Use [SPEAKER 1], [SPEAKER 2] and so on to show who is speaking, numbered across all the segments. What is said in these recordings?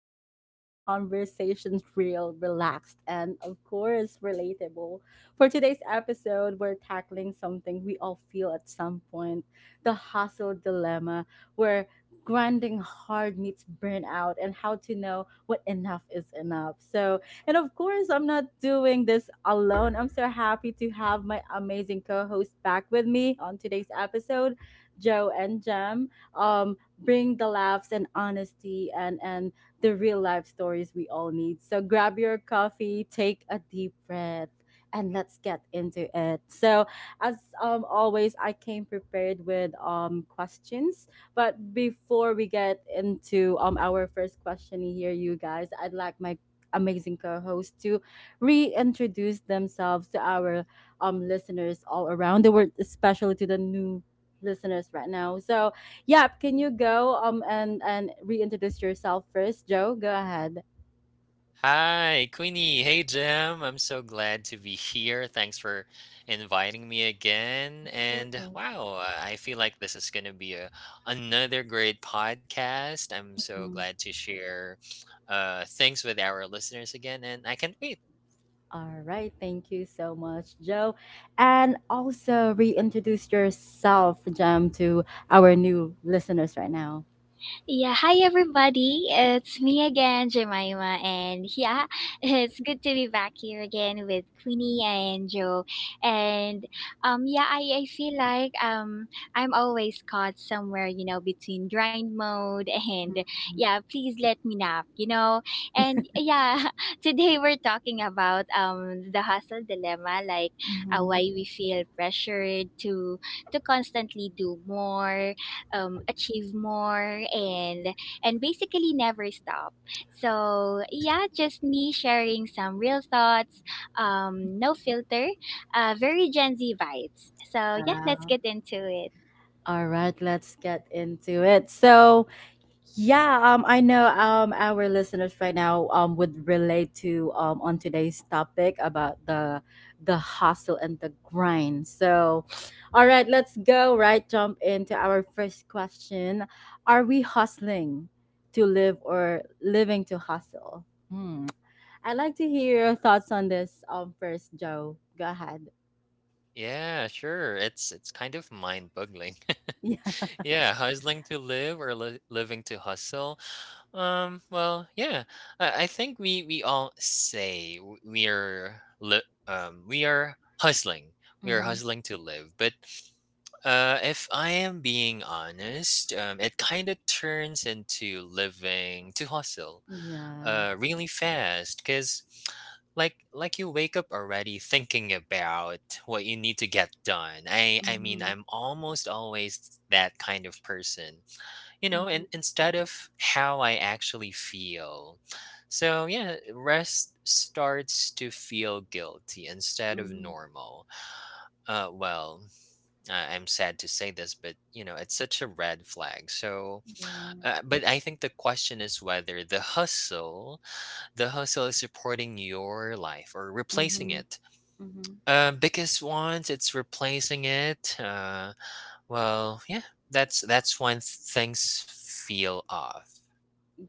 [SPEAKER 1] where we keep the conversations real, relaxed, and of course, relatable. For today's episode, we're tackling something we all feel at some point: the hustle dilemma, where grinding hard meets burnout, and how to know what enough is enough. And of course, I'm not doing this alone. I'm so happy to have my amazing co host back with me on today's episode. Joe and Jam, bring the laughs and honesty and the real life stories we all need. So grab your coffee, take a deep breath, and let's get into it. So as always, I came prepared with questions. But before we get into our first question here, you guys, I'd like my amazing co-host to reintroduce themselves to our listeners all around the world, especially to the new listeners right now. So, yeah, can you go and reintroduce yourself first, Joe? Go ahead.
[SPEAKER 2] Hi, Queenie. Hey, Jim. I'm so glad to be here. Thanks for inviting me again.
[SPEAKER 1] Of course.
[SPEAKER 2] And wow, I feel like this is going to be another great podcast. I'm so
[SPEAKER 1] Mhm.
[SPEAKER 2] glad to share things with our listeners again, and I can't wait.
[SPEAKER 1] All right, thank you so much, Joe. And also reintroduce yourself, Jam, to our new listeners right now.
[SPEAKER 3] Yeah, hi everybody. It's me again, Jemima, and yeah, it's good to be back here again with Queenie and Joe. And yeah, I feel like I'm always caught somewhere, you know, between grind mode and
[SPEAKER 1] Mhm.
[SPEAKER 3] yeah, please let me nap, you know. And yeah, today we're talking about the hustle dilemma, like why
[SPEAKER 1] Mhm.
[SPEAKER 3] we feel pressured to constantly do more, achieve more and basically never stop. So yeah, just me sharing some real thoughts, no filter, very Gen Z vibes. So yeah, let's
[SPEAKER 1] Wow.
[SPEAKER 3] get into it.
[SPEAKER 1] All right, let's get into it. So, yeah, I know our listeners right now would relate to on today's topic about the hustle and the grind. So, all right, let's go right jump into our first question. Are we hustling to live or living to hustle? Hmm. I'd like to hear your thoughts on this first, Joe. Go ahead.
[SPEAKER 2] Yeah, sure. It's kind of mind-boggling.
[SPEAKER 1] Yeah.
[SPEAKER 2] Yeah, hustling to live or li living to hustle. Well, yeah. I think we all say we are hustling. We are
[SPEAKER 1] Hmm.
[SPEAKER 2] hustling to live. But if I am being honest, it kind of turns into living to hustle
[SPEAKER 1] Yeah.
[SPEAKER 2] really fast, cuz like you wake up already thinking about what you need to get done. I mean,
[SPEAKER 1] Hmm.
[SPEAKER 2] I'm almost always that kind of person, and
[SPEAKER 1] Hmm.
[SPEAKER 2] instead of how I actually feel, so yeah, rest starts to feel guilty instead of
[SPEAKER 1] Mhm.
[SPEAKER 2] normal. Well, I'm sad to say this, but it's such a red flag. So
[SPEAKER 1] Yeah.
[SPEAKER 2] but I think the question is whether the hustle is supporting your life or replacing
[SPEAKER 1] Mhm.
[SPEAKER 2] it.
[SPEAKER 1] Mhm.
[SPEAKER 2] Because once it's replacing it, well yeah that's when things feel off.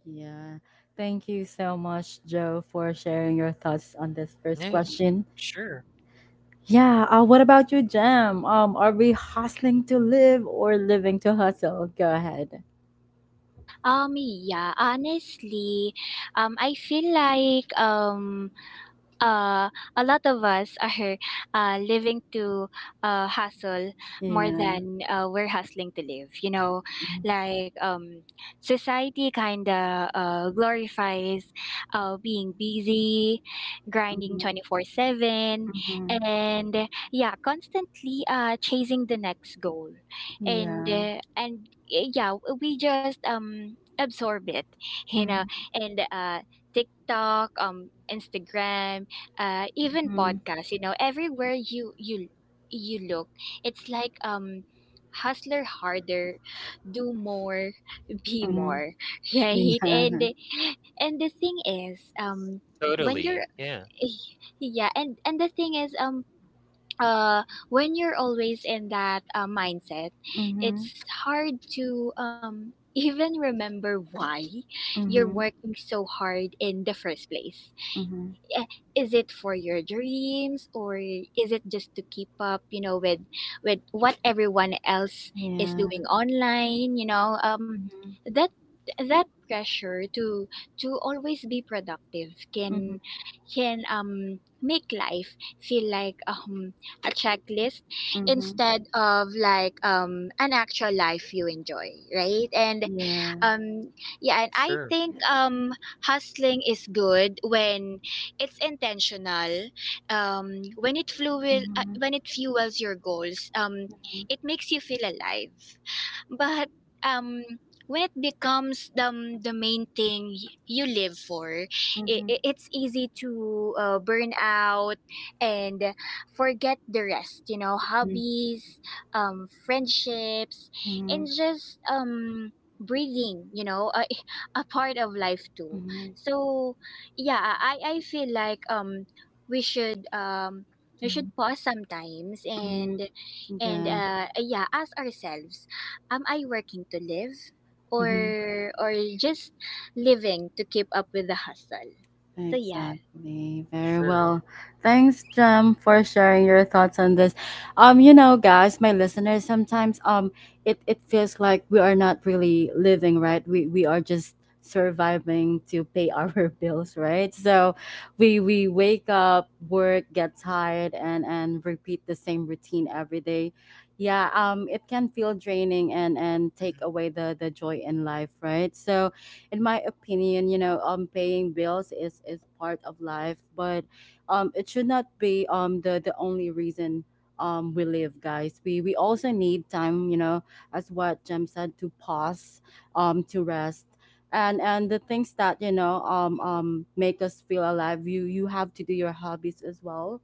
[SPEAKER 1] Yeah. Thank you so much, Joe, for sharing your thoughts on this first
[SPEAKER 2] Yeah.
[SPEAKER 1] question.
[SPEAKER 2] Sure,
[SPEAKER 1] Yeah. What about you, Jam? Are we hustling to live or living to hustle? Go ahead.
[SPEAKER 3] Yeah, honestly, I feel like uh, a lot of us are living to hustle more
[SPEAKER 1] Yeah.
[SPEAKER 3] than we're hustling to live. You know,
[SPEAKER 1] Mm-hmm.
[SPEAKER 3] like society kind of glorifies being busy, grinding 24/7,
[SPEAKER 1] Mm-hmm.
[SPEAKER 3] and yeah, constantly chasing the next goal. And,
[SPEAKER 1] Yeah.
[SPEAKER 3] uh, and uh, yeah, we just absorb it, you know, and TikTok, Instagram, even
[SPEAKER 1] Mm-hmm.
[SPEAKER 3] podcasts, you know, everywhere you look, it's like hustler harder, do more, be
[SPEAKER 1] Mm-hmm.
[SPEAKER 3] more, right?
[SPEAKER 1] Yeah.
[SPEAKER 3] And and the thing is, when you're
[SPEAKER 2] totally. Yeah,
[SPEAKER 3] yeah, and the thing is, uh when you're always in that mindset,
[SPEAKER 1] Mm-hmm.
[SPEAKER 3] it's hard to even remember why you're
[SPEAKER 1] Mm-hmm.
[SPEAKER 3] working so hard in the first place.
[SPEAKER 1] Mm-hmm.
[SPEAKER 3] eh, is it for your dreams, or is it just to keep up, you know, with what everyone else is
[SPEAKER 1] Yeah.
[SPEAKER 3] doing online, you know? um
[SPEAKER 1] Mm-hmm.
[SPEAKER 3] that that pressure to always be productive can make life feel like a checklist
[SPEAKER 1] Mm-hmm.
[SPEAKER 3] instead of like an actual life you enjoy, right? and
[SPEAKER 1] Yeah.
[SPEAKER 3] Yeah, and I
[SPEAKER 2] sure,
[SPEAKER 3] think hustling is good when it's intentional. Um, when it fuel, uh,
[SPEAKER 1] Mm-hmm.
[SPEAKER 3] when it fuels your goals, it makes you feel alive. But um, when it becomes the main thing you live for, it,
[SPEAKER 1] Mm-hmm.
[SPEAKER 3] it's easy to burn out and forget the rest. You know, hobbies, friendships,
[SPEAKER 1] Mm-hmm.
[SPEAKER 3] and just breathing, you know, a part of life too.
[SPEAKER 1] Mhm,
[SPEAKER 3] So yeah, I feel like we should um we should
[SPEAKER 1] mhm,
[SPEAKER 3] pause sometimes
[SPEAKER 1] mhm.
[SPEAKER 3] and
[SPEAKER 1] Yeah.
[SPEAKER 3] yeah, ask ourselves, am I working to live,
[SPEAKER 1] Mhm.
[SPEAKER 3] or just living to keep up with the hustle? So yeah.
[SPEAKER 1] Exactly. Very
[SPEAKER 2] sure.
[SPEAKER 1] well. Thanks, Jem, for sharing your thoughts on this. You know, guys, my listeners, sometimes it feels like we are not really living, right? We are just surviving to pay our bills, right? So we wake up, work, get tired and repeat the same routine every day. Yeah, it can feel draining and take
[SPEAKER 2] Mhm.
[SPEAKER 1] away the joy in life, right? So in my opinion, you know, paying bills is part of life, but it should not be the only reason we live, guys. We also need time, you know, as what Jem said, to pause, to rest. And the things that you know make us feel alive you you have to do your hobbies as well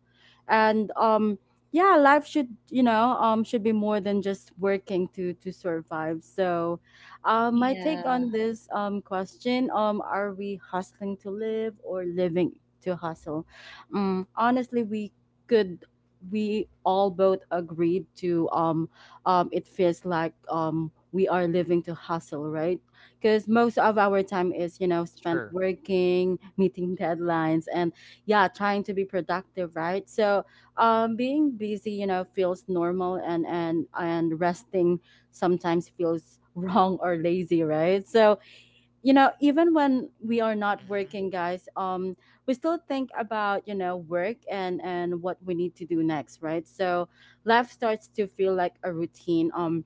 [SPEAKER 1] and yeah life should you know should be more than just working to survive so my take
[SPEAKER 3] Yeah.
[SPEAKER 1] on this question: Are we hustling to live or living to hustle? Honestly, we could. We all both agreed to. It feels like we are living to hustle, right? Because most of our time is you know spent
[SPEAKER 2] Sure.
[SPEAKER 1] working, meeting deadlines, and yeah, trying to be productive, right? So being busy, you know, feels normal, and resting sometimes feels wrong or lazy, right? So, you know, even when we are not
[SPEAKER 2] Mhm.
[SPEAKER 1] working, guys, we still think about, you know, work and what we need to do next, right? So life starts to feel like a routine.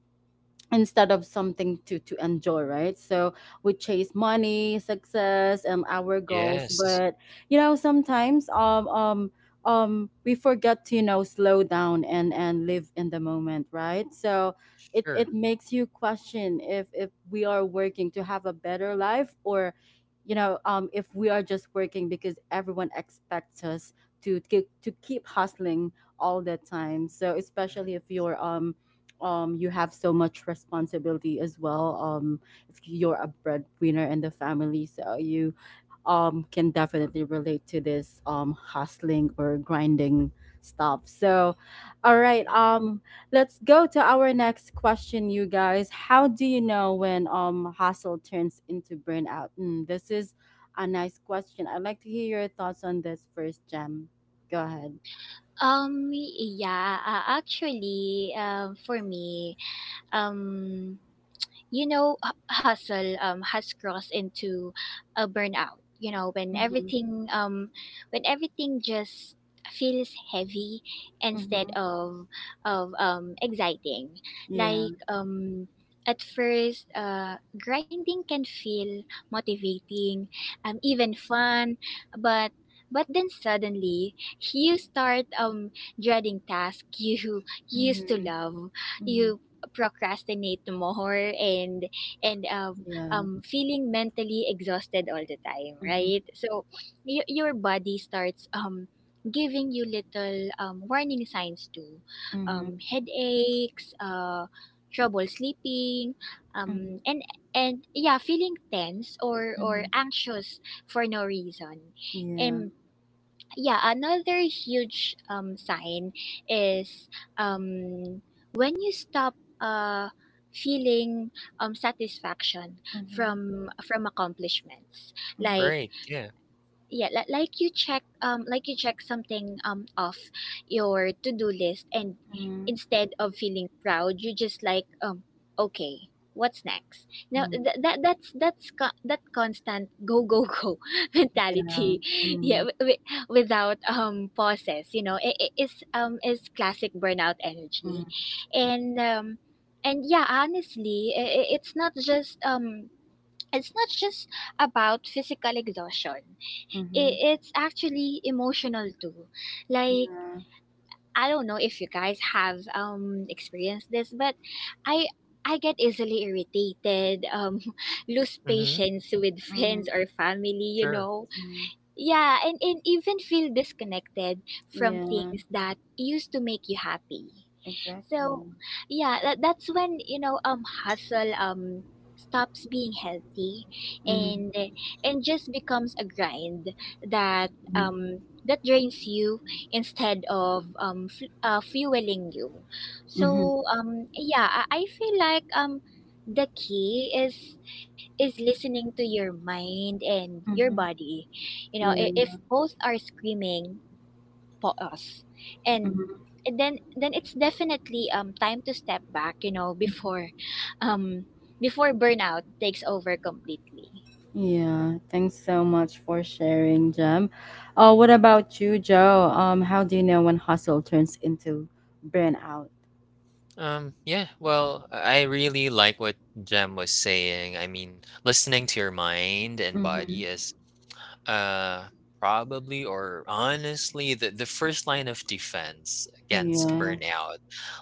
[SPEAKER 1] Instead of something to enjoy right so we chase money success and our goals
[SPEAKER 2] Yes,
[SPEAKER 1] but you know sometimes we forget to you know slow down and live in the moment right so it
[SPEAKER 2] sure.
[SPEAKER 1] it makes you question if we are working to have a better life or you know if we are just working because everyone expects us to keep hustling all the time so
[SPEAKER 2] Mhm.
[SPEAKER 1] especially if you're you have so much responsibility as well it's, you're a breadwinner in the family so you can definitely relate to this hustling or grinding stuff so all right
[SPEAKER 2] Yeah.
[SPEAKER 1] let's go to our next question you guys how do you know when hustle turns into burnout mm, this is a nice question I'd like to hear your thoughts on this first gem go ahead.
[SPEAKER 3] yeah actually For me, um you know, hustle has crossed into a burnout. You know,
[SPEAKER 1] Mm-hmm.
[SPEAKER 3] when everything just feels heavy instead
[SPEAKER 1] Mm-hmm.
[SPEAKER 3] of exciting.
[SPEAKER 1] Yeah.
[SPEAKER 3] Like at first, grinding can feel motivating, even fun, but then suddenly you start dreading tasks you used to
[SPEAKER 1] Mm-hmm.
[SPEAKER 3] love,
[SPEAKER 1] Mm-hmm.
[SPEAKER 3] you procrastinate more, and and um
[SPEAKER 1] Yeah.
[SPEAKER 3] um feeling mentally exhausted all the time,
[SPEAKER 1] Mhm,
[SPEAKER 3] right? So your body starts giving you little warning signs too.
[SPEAKER 1] mhm,
[SPEAKER 3] Headaches, trouble sleeping,
[SPEAKER 1] mhm,
[SPEAKER 3] um and and yeah, feeling tense or
[SPEAKER 1] mhm.
[SPEAKER 3] anxious for no reason.
[SPEAKER 1] Yeah.
[SPEAKER 3] And yeah, another huge sign is um when you stop feeling satisfaction
[SPEAKER 1] Mhm,
[SPEAKER 3] from accomplishments,
[SPEAKER 1] mhm,
[SPEAKER 3] like
[SPEAKER 2] Right, yeah.
[SPEAKER 3] yeah, you check something off your to-do list, and
[SPEAKER 1] mhm,
[SPEAKER 3] instead of feeling proud, you just like, okay, what's next now?
[SPEAKER 1] mhm.
[SPEAKER 3] Th- that that's co- That constant go go go
[SPEAKER 1] Yeah.
[SPEAKER 3] mentality, yeah,
[SPEAKER 1] Mhm,
[SPEAKER 3] without pauses, you know, it is classic burnout energy.
[SPEAKER 1] mhm,
[SPEAKER 3] And um and yeah, honestly, it's not just it's not just about physical exhaustion,
[SPEAKER 1] mhm.
[SPEAKER 3] it's actually emotional too. Like,
[SPEAKER 1] Yeah.
[SPEAKER 3] I don't know if you guys have experienced this, but I I get easily irritated, lose
[SPEAKER 2] Mhm,
[SPEAKER 3] patience with friends
[SPEAKER 1] Mhm,
[SPEAKER 3] or family, you
[SPEAKER 2] sure.
[SPEAKER 3] know,
[SPEAKER 1] mhm.
[SPEAKER 3] yeah, and even feel disconnected from
[SPEAKER 1] Yeah.
[SPEAKER 3] things that used to make you happy. So
[SPEAKER 1] Exactly.
[SPEAKER 3] yeah, that's when, you know, hustle stops being healthy
[SPEAKER 1] Mhm,
[SPEAKER 3] and just becomes a grind that
[SPEAKER 1] mhm,
[SPEAKER 3] that drains you instead of fueling you.
[SPEAKER 1] mhm,
[SPEAKER 3] So, yeah, I feel like the key is listening to your mind and your
[SPEAKER 1] mhm.
[SPEAKER 3] body. You know,
[SPEAKER 1] Yeah.
[SPEAKER 3] if both are screaming pause, and
[SPEAKER 1] Mhm,
[SPEAKER 3] and then it's definitely time to step back. You know, before
[SPEAKER 1] mhm.
[SPEAKER 3] um before burnout takes over completely.
[SPEAKER 1] Yeah. Thanks so much for sharing, Jem. Oh, what about you, Joe? How do you know when hustle turns into burnout?
[SPEAKER 2] Yeah, well, I really like what Jem was saying. I mean, listening to your mind and body
[SPEAKER 1] Mm-hmm.
[SPEAKER 2] is uh probably, or honestly, the first line of defense against
[SPEAKER 1] Yeah.
[SPEAKER 2] burnout.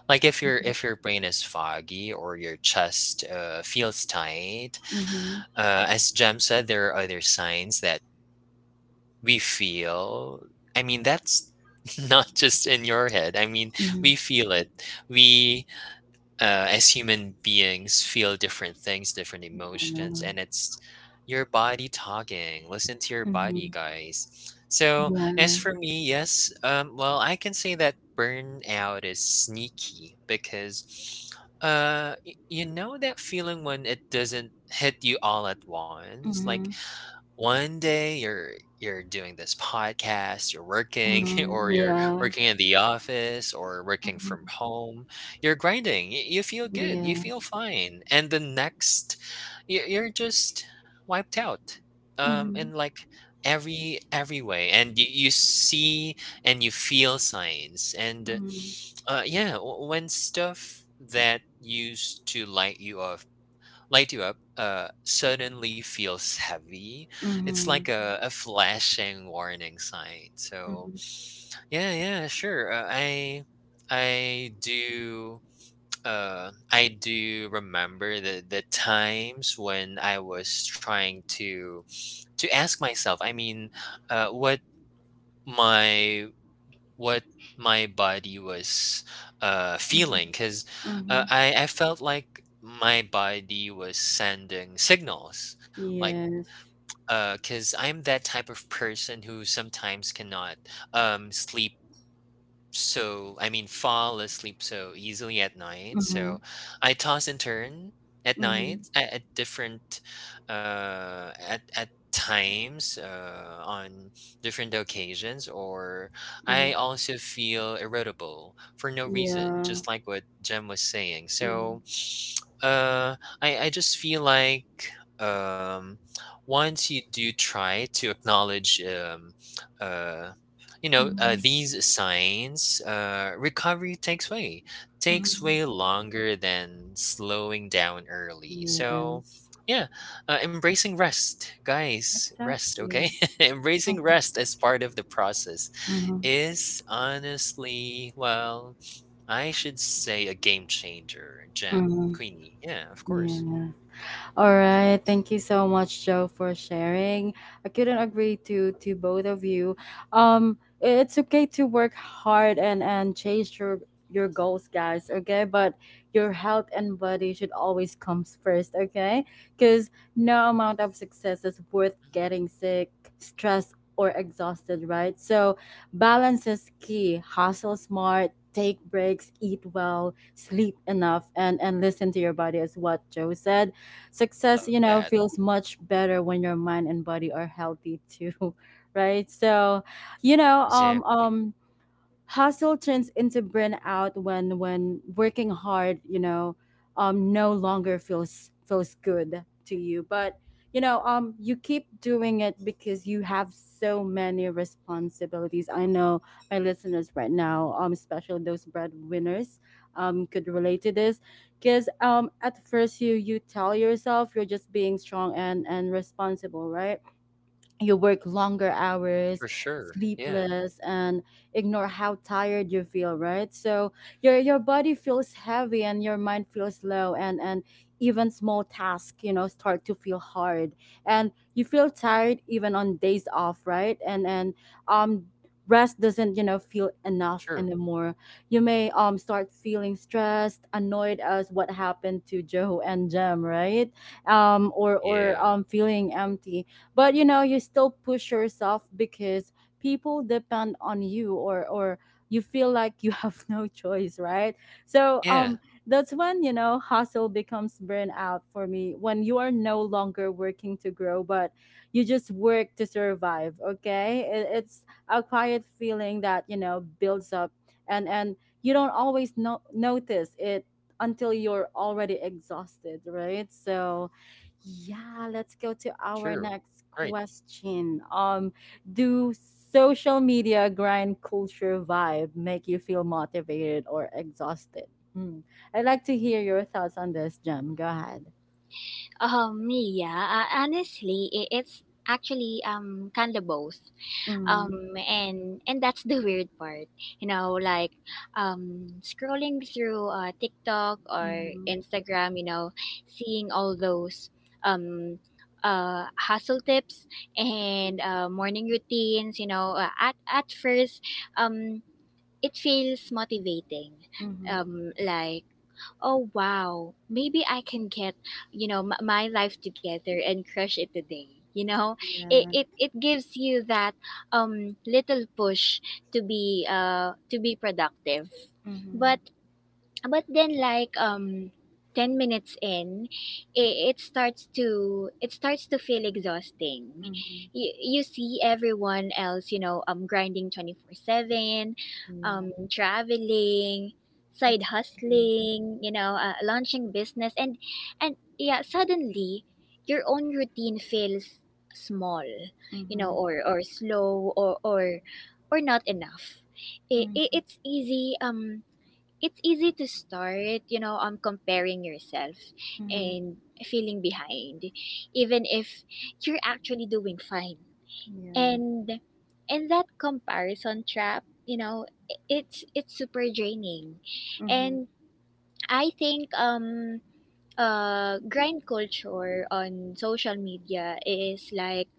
[SPEAKER 2] Like if your brain is foggy, or your chest feels tight.
[SPEAKER 1] Mm-hmm.
[SPEAKER 2] As Jam said, there are other signs that we feel. I mean, that's not just in your head. I mean,
[SPEAKER 1] Mm-hmm.
[SPEAKER 2] we feel it. We, as human beings, feel different things, different emotions,
[SPEAKER 1] I
[SPEAKER 2] and it's your body talking. Listen to your
[SPEAKER 1] know.
[SPEAKER 2] body, guys. So,
[SPEAKER 1] Yeah.
[SPEAKER 2] as for me, yes, well, I can say that burnout is sneaky because you know that feeling when it doesn't hit you all at once. Like
[SPEAKER 1] Mhm.
[SPEAKER 2] one day you're doing this podcast, you're working, or
[SPEAKER 1] Mhm.
[SPEAKER 2] you're
[SPEAKER 1] Yeah.
[SPEAKER 2] working in the office or working
[SPEAKER 1] Mhm.
[SPEAKER 2] from home. You're grinding. You feel good. You feel
[SPEAKER 1] Yes.
[SPEAKER 2] fine. And the next, you're just wiped out. In
[SPEAKER 1] Mhm.
[SPEAKER 2] like every way, and you see and you feel signs. And
[SPEAKER 1] Mhm.
[SPEAKER 2] yeah, when stuff that used to light you up suddenly feels heavy. It's like
[SPEAKER 1] Mhm.
[SPEAKER 2] A flashing warning sign. So
[SPEAKER 1] Mhm.
[SPEAKER 2] yeah, yeah, sure. I do. I do remember the times when I was trying to ask myself. I mean, uh, what my what my body was
[SPEAKER 1] Mhm.
[SPEAKER 2] feeling, because
[SPEAKER 1] Mhm.
[SPEAKER 2] I felt like my body was sending signals, like
[SPEAKER 1] Yes.
[SPEAKER 2] because I'm that type of person who sometimes cannot sleep, so I mean, fall asleep so easily at night. So
[SPEAKER 1] Mhm.
[SPEAKER 2] I toss and turn at
[SPEAKER 1] Mhm.
[SPEAKER 2] night at different at times on different occasions. Or
[SPEAKER 1] Mhm.
[SPEAKER 2] I also feel irritable for no reason,
[SPEAKER 1] Yeah.
[SPEAKER 2] just like what Jem was saying.
[SPEAKER 1] Mhm.
[SPEAKER 2] So uh I just feel like um once you do try to acknowledge uh
[SPEAKER 1] Mhm.
[SPEAKER 2] these signs, recovery takes
[SPEAKER 1] Mhm.
[SPEAKER 2] way longer than slowing down early. So,
[SPEAKER 1] Yes.
[SPEAKER 2] yeah, embracing rest, guys, rest, okay?
[SPEAKER 1] Exactly. Mhm.
[SPEAKER 2] Embracing rest as part of the process
[SPEAKER 1] Mhm.
[SPEAKER 2] is, honestly, well, I should say, a game changer, Jam,
[SPEAKER 1] Mhm.
[SPEAKER 2] Queenie. Yeah, of course.
[SPEAKER 1] Yeah. All right. Thank you so much, Joe, for sharing. I couldn't agree to both of you. It's okay to work hard and chase your goals, guys. Okay, but your health and body should always comes first. Okay, because no amount of success is worth
[SPEAKER 2] Hmm.
[SPEAKER 1] getting sick, stressed, or exhausted. Right. So balance is key. Hustle smart. Take breaks, eat well, sleep enough, and listen to your body, as what Joe said. Success,
[SPEAKER 2] Love
[SPEAKER 1] you know,
[SPEAKER 2] that.
[SPEAKER 1] feels much better when your mind and body are healthy too, right? So, you know,
[SPEAKER 2] Exactly.
[SPEAKER 1] hustle turns into burnout when working hard you know no longer feels feels good to you but you know you keep doing it because you have so many responsibilities I know my listeners right now especially those breadwinners could relate to this because at first you you tell yourself you're just being strong and responsible right you work longer hours
[SPEAKER 2] For sure. Yeah,
[SPEAKER 1] sleepless and ignore how tired you feel right so your body feels heavy and your mind feels low and even small tasks you know start to feel hard and you feel tired even on days off right and um rest doesn't you know feel enough
[SPEAKER 2] true.
[SPEAKER 1] anymore you may start feeling stressed annoyed as what happened to joe and jem right or
[SPEAKER 2] Yeah,
[SPEAKER 1] feeling empty but you know you still push yourself because people depend on you or you feel like you have no choice right so
[SPEAKER 2] yeah,
[SPEAKER 1] that's when you know hustle becomes burnout for me when you are no longer working to grow but you just work to survive okay it, it's a quiet feeling that you know builds up and you don't always notice it until you're already exhausted right so yeah, let's go to our
[SPEAKER 2] true.
[SPEAKER 1] next
[SPEAKER 2] Right.
[SPEAKER 1] question. Do social media grind culture vibe make you feel motivated or exhausted? Mm. I'd like to hear your thoughts on this, Jem. Go ahead.
[SPEAKER 3] Yeah, honestly, it's actually kind of both.
[SPEAKER 1] Mm,
[SPEAKER 3] um and that's the weird part, you know, like, scrolling through TikTok or
[SPEAKER 1] mm-hmm,
[SPEAKER 3] Instagram, you know, seeing all those um hustle tips and morning routines, you know, at first, um it feels motivating,
[SPEAKER 1] mm-hmm,
[SPEAKER 3] like, oh wow, maybe I can get, you know, my life together and crush it today, you know.
[SPEAKER 1] yeah,
[SPEAKER 3] It it gives you that little push to be productive.
[SPEAKER 1] mm-hmm,
[SPEAKER 3] but but then like 10 minutes in, it starts to, feel exhausting.
[SPEAKER 1] mm-hmm,
[SPEAKER 3] You see everyone else, you know, grinding 24/7,
[SPEAKER 1] yeah,
[SPEAKER 3] traveling, side
[SPEAKER 1] exactly.
[SPEAKER 3] hustling, you know, launching business, and yeah, suddenly your own routine feels small, you know,
[SPEAKER 1] Mm-hmm,
[SPEAKER 3] or slow, or not enough. It's easy, to start, you know, comparing yourself
[SPEAKER 1] mm-hmm,
[SPEAKER 3] and feeling behind, even if you're actually doing fine.
[SPEAKER 1] yeah,
[SPEAKER 3] And that comparison trap, you know, it's super draining.
[SPEAKER 1] mm-hmm,
[SPEAKER 3] And I think grind culture on social media is like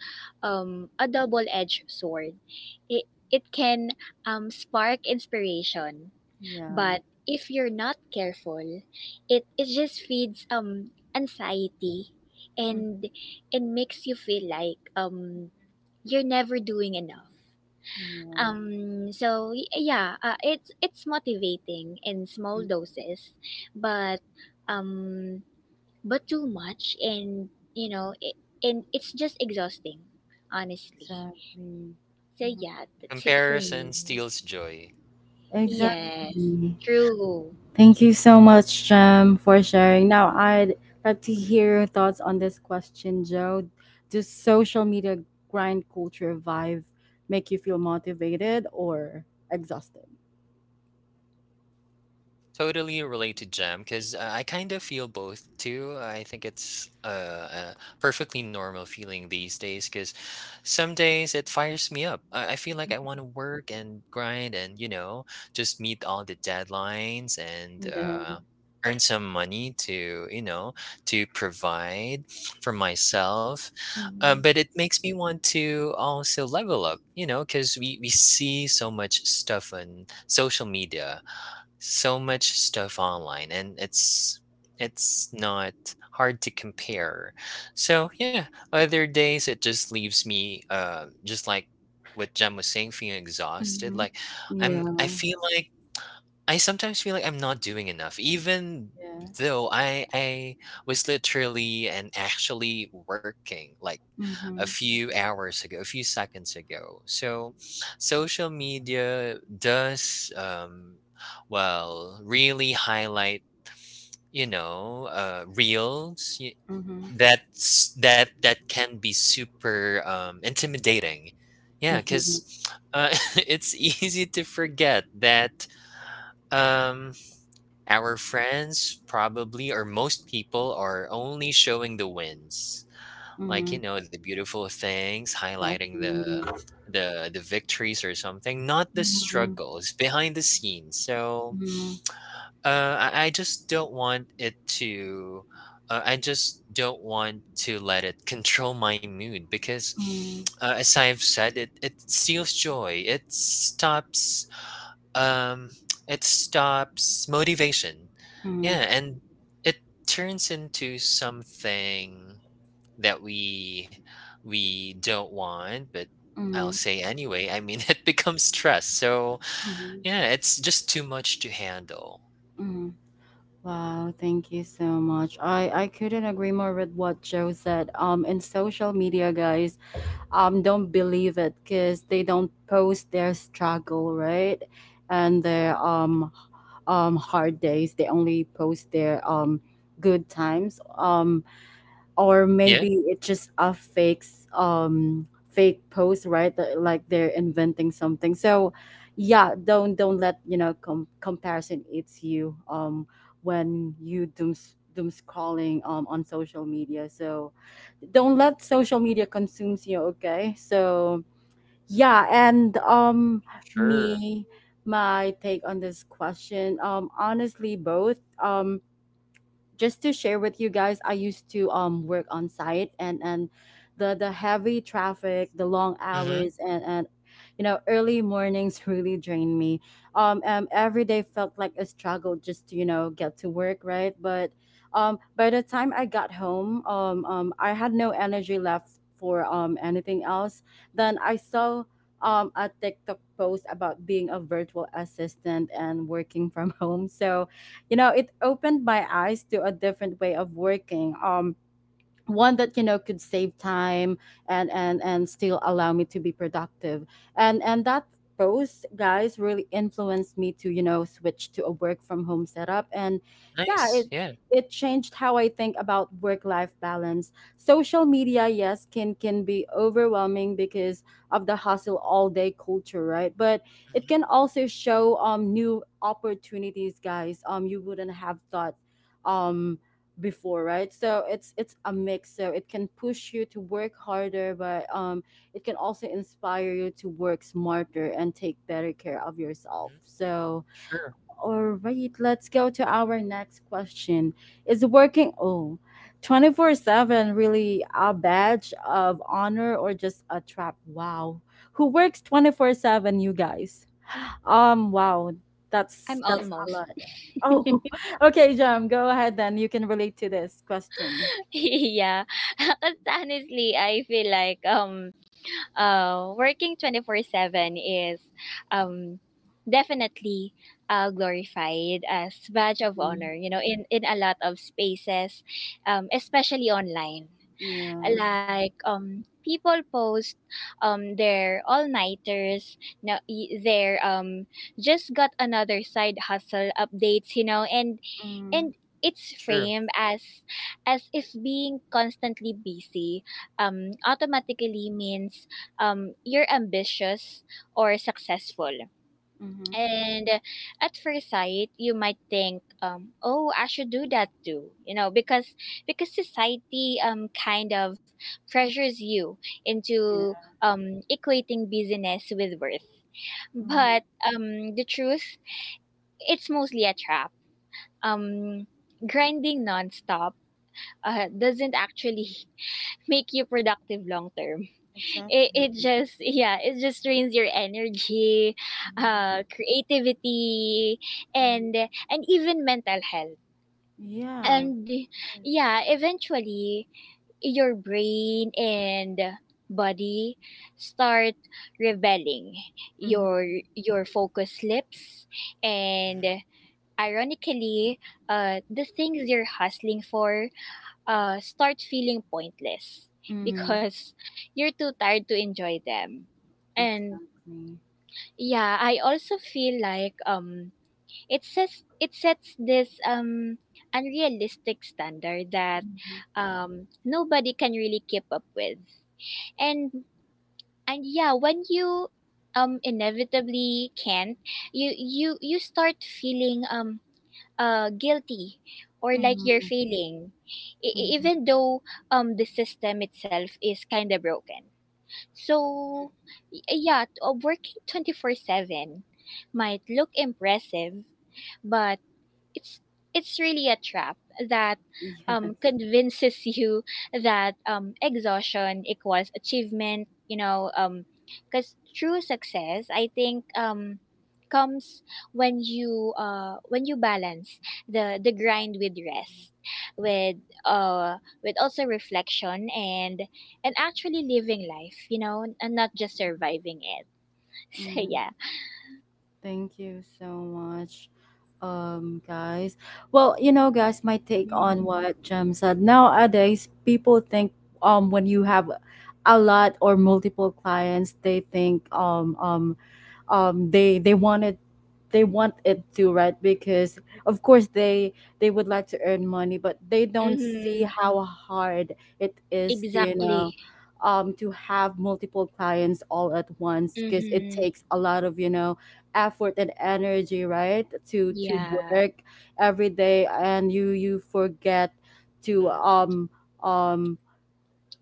[SPEAKER 3] a double-edged sword. It it can spark inspiration,
[SPEAKER 1] yeah,
[SPEAKER 3] but if you're not careful, it just feeds anxiety,
[SPEAKER 1] mm-hmm,
[SPEAKER 3] and it makes you feel like you're never doing enough.
[SPEAKER 1] yeah,
[SPEAKER 3] So yeah, it's it's motivating in small
[SPEAKER 1] mm,
[SPEAKER 3] doses, but um too much, and you know, it's just exhausting, honestly.
[SPEAKER 1] exactly.
[SPEAKER 3] So yeah, that's it for me.
[SPEAKER 2] Comparison steals joy.
[SPEAKER 3] Yes,
[SPEAKER 1] Exactly.
[SPEAKER 3] true.
[SPEAKER 1] Thank you so much, Jem, for sharing. Now, I'd like to hear your thoughts on this question, Joe. Does social media grind culture vibe make you feel motivated or exhausted?
[SPEAKER 2] Totally relate to Jem, because I kind of feel both too. I think it's a perfectly normal feeling these days, because some days it fires me up. I feel like I want to work and grind, and just meet all the deadlines and
[SPEAKER 1] Yeah.
[SPEAKER 2] earn some money to, to provide for myself. But
[SPEAKER 1] Mm-hmm.
[SPEAKER 2] it makes me want to also level up, because we see so much stuff on social media, so much stuff online, and it's not hard to compare. So yeah, other days it just leaves me just like what Jem was saying, feeling exhausted.
[SPEAKER 1] Mm-hmm.
[SPEAKER 2] Like I
[SPEAKER 1] Yeah.
[SPEAKER 2] feel like I sometimes feel like I'm not doing enough, even
[SPEAKER 1] Yeah.
[SPEAKER 2] though I was literally and actually working, like a
[SPEAKER 1] Mm-hmm.
[SPEAKER 2] few hours ago, a few seconds ago. So, social media does, well, really highlight, reels —
[SPEAKER 1] Mm-hmm.
[SPEAKER 2] that can be super intimidating. Yeah,
[SPEAKER 1] Mm-hmm.
[SPEAKER 2] because uh, it's easy to forget that um, our friends, probably, or most people, are only showing the wins, like you
[SPEAKER 1] Mm-hmm.
[SPEAKER 2] know the beautiful things, highlighting the
[SPEAKER 1] Exactly.
[SPEAKER 2] the the victories or something, not the
[SPEAKER 1] Mm-hmm.
[SPEAKER 2] struggles behind the scenes. So
[SPEAKER 1] Mm-hmm.
[SPEAKER 2] uh i, I just don't want it to I just don't want to let it control my mood, because
[SPEAKER 1] Mm-hmm.
[SPEAKER 2] as I've said, it steals joy. It stops um it stops motivation. Yeah, and it turns into something that we don't want. But I'll
[SPEAKER 1] Mm-hmm.
[SPEAKER 2] say anyway, I mean, it becomes stress. So yeah, it's just too much to handle.
[SPEAKER 1] Mm-hmm. Wow, thank you so much. I couldn't agree more with what Joe said. In social media, guys, don't believe it because they don't post their struggle, right? And their hard days. They only post their good times. Or
[SPEAKER 2] Yeah.
[SPEAKER 1] maybe it's just a fake, fake post right that, like they're inventing something so yeah don't let you know comparison eats you when you doom scrolling on social media so don't let social media consumes you okay so yeah and
[SPEAKER 2] Sure.
[SPEAKER 1] me my take on this question honestly both just to share with you guys, I used to work on site and the heavy traffic, the long
[SPEAKER 2] Hmm.
[SPEAKER 1] hours and you know early mornings really drained me. Every day felt like a struggle just to you know get to work, right? But by the time I got home, I had no energy left for anything else. Then I saw a TikTok post about being a virtual assistant and working from home. So you know, it opened my eyes to a different way of working. One that you know could save time and still allow me to be productive and that post, guys, really influenced me to you know switch to a work from home setup. And yeah, it
[SPEAKER 2] Nice. Yeah.
[SPEAKER 1] it changed how I think about work life balance. Social media, yes, can be overwhelming because of the hustle all day culture, right? But it
[SPEAKER 2] Hmm.
[SPEAKER 1] can also show new opportunities, guys, you wouldn't have thought um before, right? So it's a mix. So it can push you to work harder, but it can also inspire you to work smarter and take better care of yourself.
[SPEAKER 2] Hmm.
[SPEAKER 1] So
[SPEAKER 2] Sure.
[SPEAKER 1] all right, let's go to our next question. Is working 24/7 really a badge of honor or just a trap? Wow. Who works 24/7, you guys? Wow, that's
[SPEAKER 3] I'm
[SPEAKER 1] that's a
[SPEAKER 3] almost
[SPEAKER 1] lot. Oh, okay, Jam, go ahead then. You can relate to this question.
[SPEAKER 3] yeah, because honestly, I feel like working 24/7 is um definitely glorified as badge of
[SPEAKER 1] Mhm.
[SPEAKER 3] honor, you know, in a lot of spaces, especially online.
[SPEAKER 1] Yeah.
[SPEAKER 3] Like, people post their all-nighters now, their just got another side hustle updates, you know, and
[SPEAKER 1] Mm-hmm.
[SPEAKER 3] and it's
[SPEAKER 2] Sure.
[SPEAKER 3] framed as if being constantly busy automatically means you're ambitious or successful.
[SPEAKER 1] Mm-hmm.
[SPEAKER 3] And at first sight, you might think, oh, I should do that too, you know, because society kind of pressures you into
[SPEAKER 1] Yeah.
[SPEAKER 3] equating busyness with worth.
[SPEAKER 1] Mm-hmm.
[SPEAKER 3] But the truth, it's mostly a trap. um, grinding nonstop doesn't actually make you productive long term.
[SPEAKER 1] Exactly.
[SPEAKER 3] It
[SPEAKER 1] Mm-hmm.
[SPEAKER 3] just yeah, it just drains your energy, creativity,
[SPEAKER 1] Mm-hmm.
[SPEAKER 3] and and even mental health.
[SPEAKER 1] Yeah.
[SPEAKER 3] And
[SPEAKER 1] Yes.
[SPEAKER 3] yeah, eventually your brain and body start rebelling, your your focus slips, and
[SPEAKER 2] Hmm.
[SPEAKER 3] ironically the things you're hustling for start feeling pointless
[SPEAKER 1] Mm-hmm.
[SPEAKER 3] because you're too tired to enjoy them. And
[SPEAKER 1] Exactly.
[SPEAKER 3] yeah, I also feel like it sets this unrealistic standard that
[SPEAKER 1] Mhm.
[SPEAKER 3] nobody can really keep up with. And and yeah, when you inevitably can't, you you start feeling guilty or like you're
[SPEAKER 1] Mm-hmm.
[SPEAKER 3] failing,
[SPEAKER 1] Mm-hmm.
[SPEAKER 3] even though the system itself is kind of broken. So, yeah, working four seven might look impressive, but it's it's really a trap that
[SPEAKER 1] Yes.
[SPEAKER 3] convinces you that exhaustion equals achievement, you know, because true success, I think, comes when you balance the grind with rest, with uh also reflection and actually living life, you know, and not just surviving it. So
[SPEAKER 1] Mm,
[SPEAKER 3] yeah.
[SPEAKER 1] thank you so much, guys. Well, you know, guys, my take on what Jem said. Nowadays, people think when you have a lot or multiple clients, they think um, they they wanted they want it to, right? Because of course they would like to earn money, but they don't see
[SPEAKER 3] Mm-hmm.
[SPEAKER 1] how hard it is to you
[SPEAKER 3] Exactly.
[SPEAKER 1] know to have multiple clients all at once because it
[SPEAKER 3] Mm-hmm.
[SPEAKER 1] takes a lot of, you know, effort and energy, right? To
[SPEAKER 3] Yeah.
[SPEAKER 1] work every day and you forget to
[SPEAKER 2] Hmm.
[SPEAKER 1] um um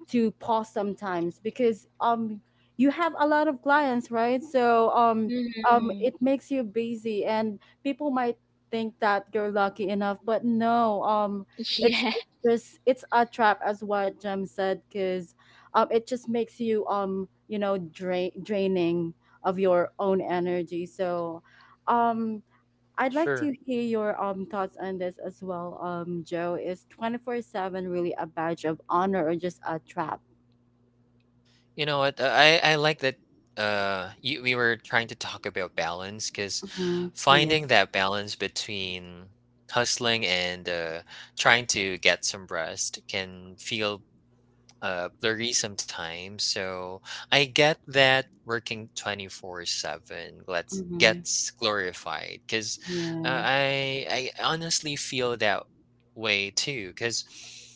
[SPEAKER 1] to pause sometimes because you have a lot of clients, right? So
[SPEAKER 3] Mm-hmm.
[SPEAKER 1] it makes you busy and people might think that you're lucky enough, but no, it's it's
[SPEAKER 3] Yeah.
[SPEAKER 1] it's a trap, as what Jem said, because it just makes you, um, you know, draining of your own energy. So um I'd like
[SPEAKER 2] Sure.
[SPEAKER 1] to hear your thoughts on this as well, Joe. Is 24/7 really a badge of honor or just a trap?
[SPEAKER 2] You know what, I like that we were trying to talk about balance, because
[SPEAKER 1] Mhm. Yeah.
[SPEAKER 2] finding that balance between hustling and trying to get some rest can feel blurry sometimes. So I get that working 24/7 let's
[SPEAKER 1] Mhm.
[SPEAKER 2] gets glorified, cuz
[SPEAKER 1] Yeah.
[SPEAKER 2] I honestly feel that way too, cuz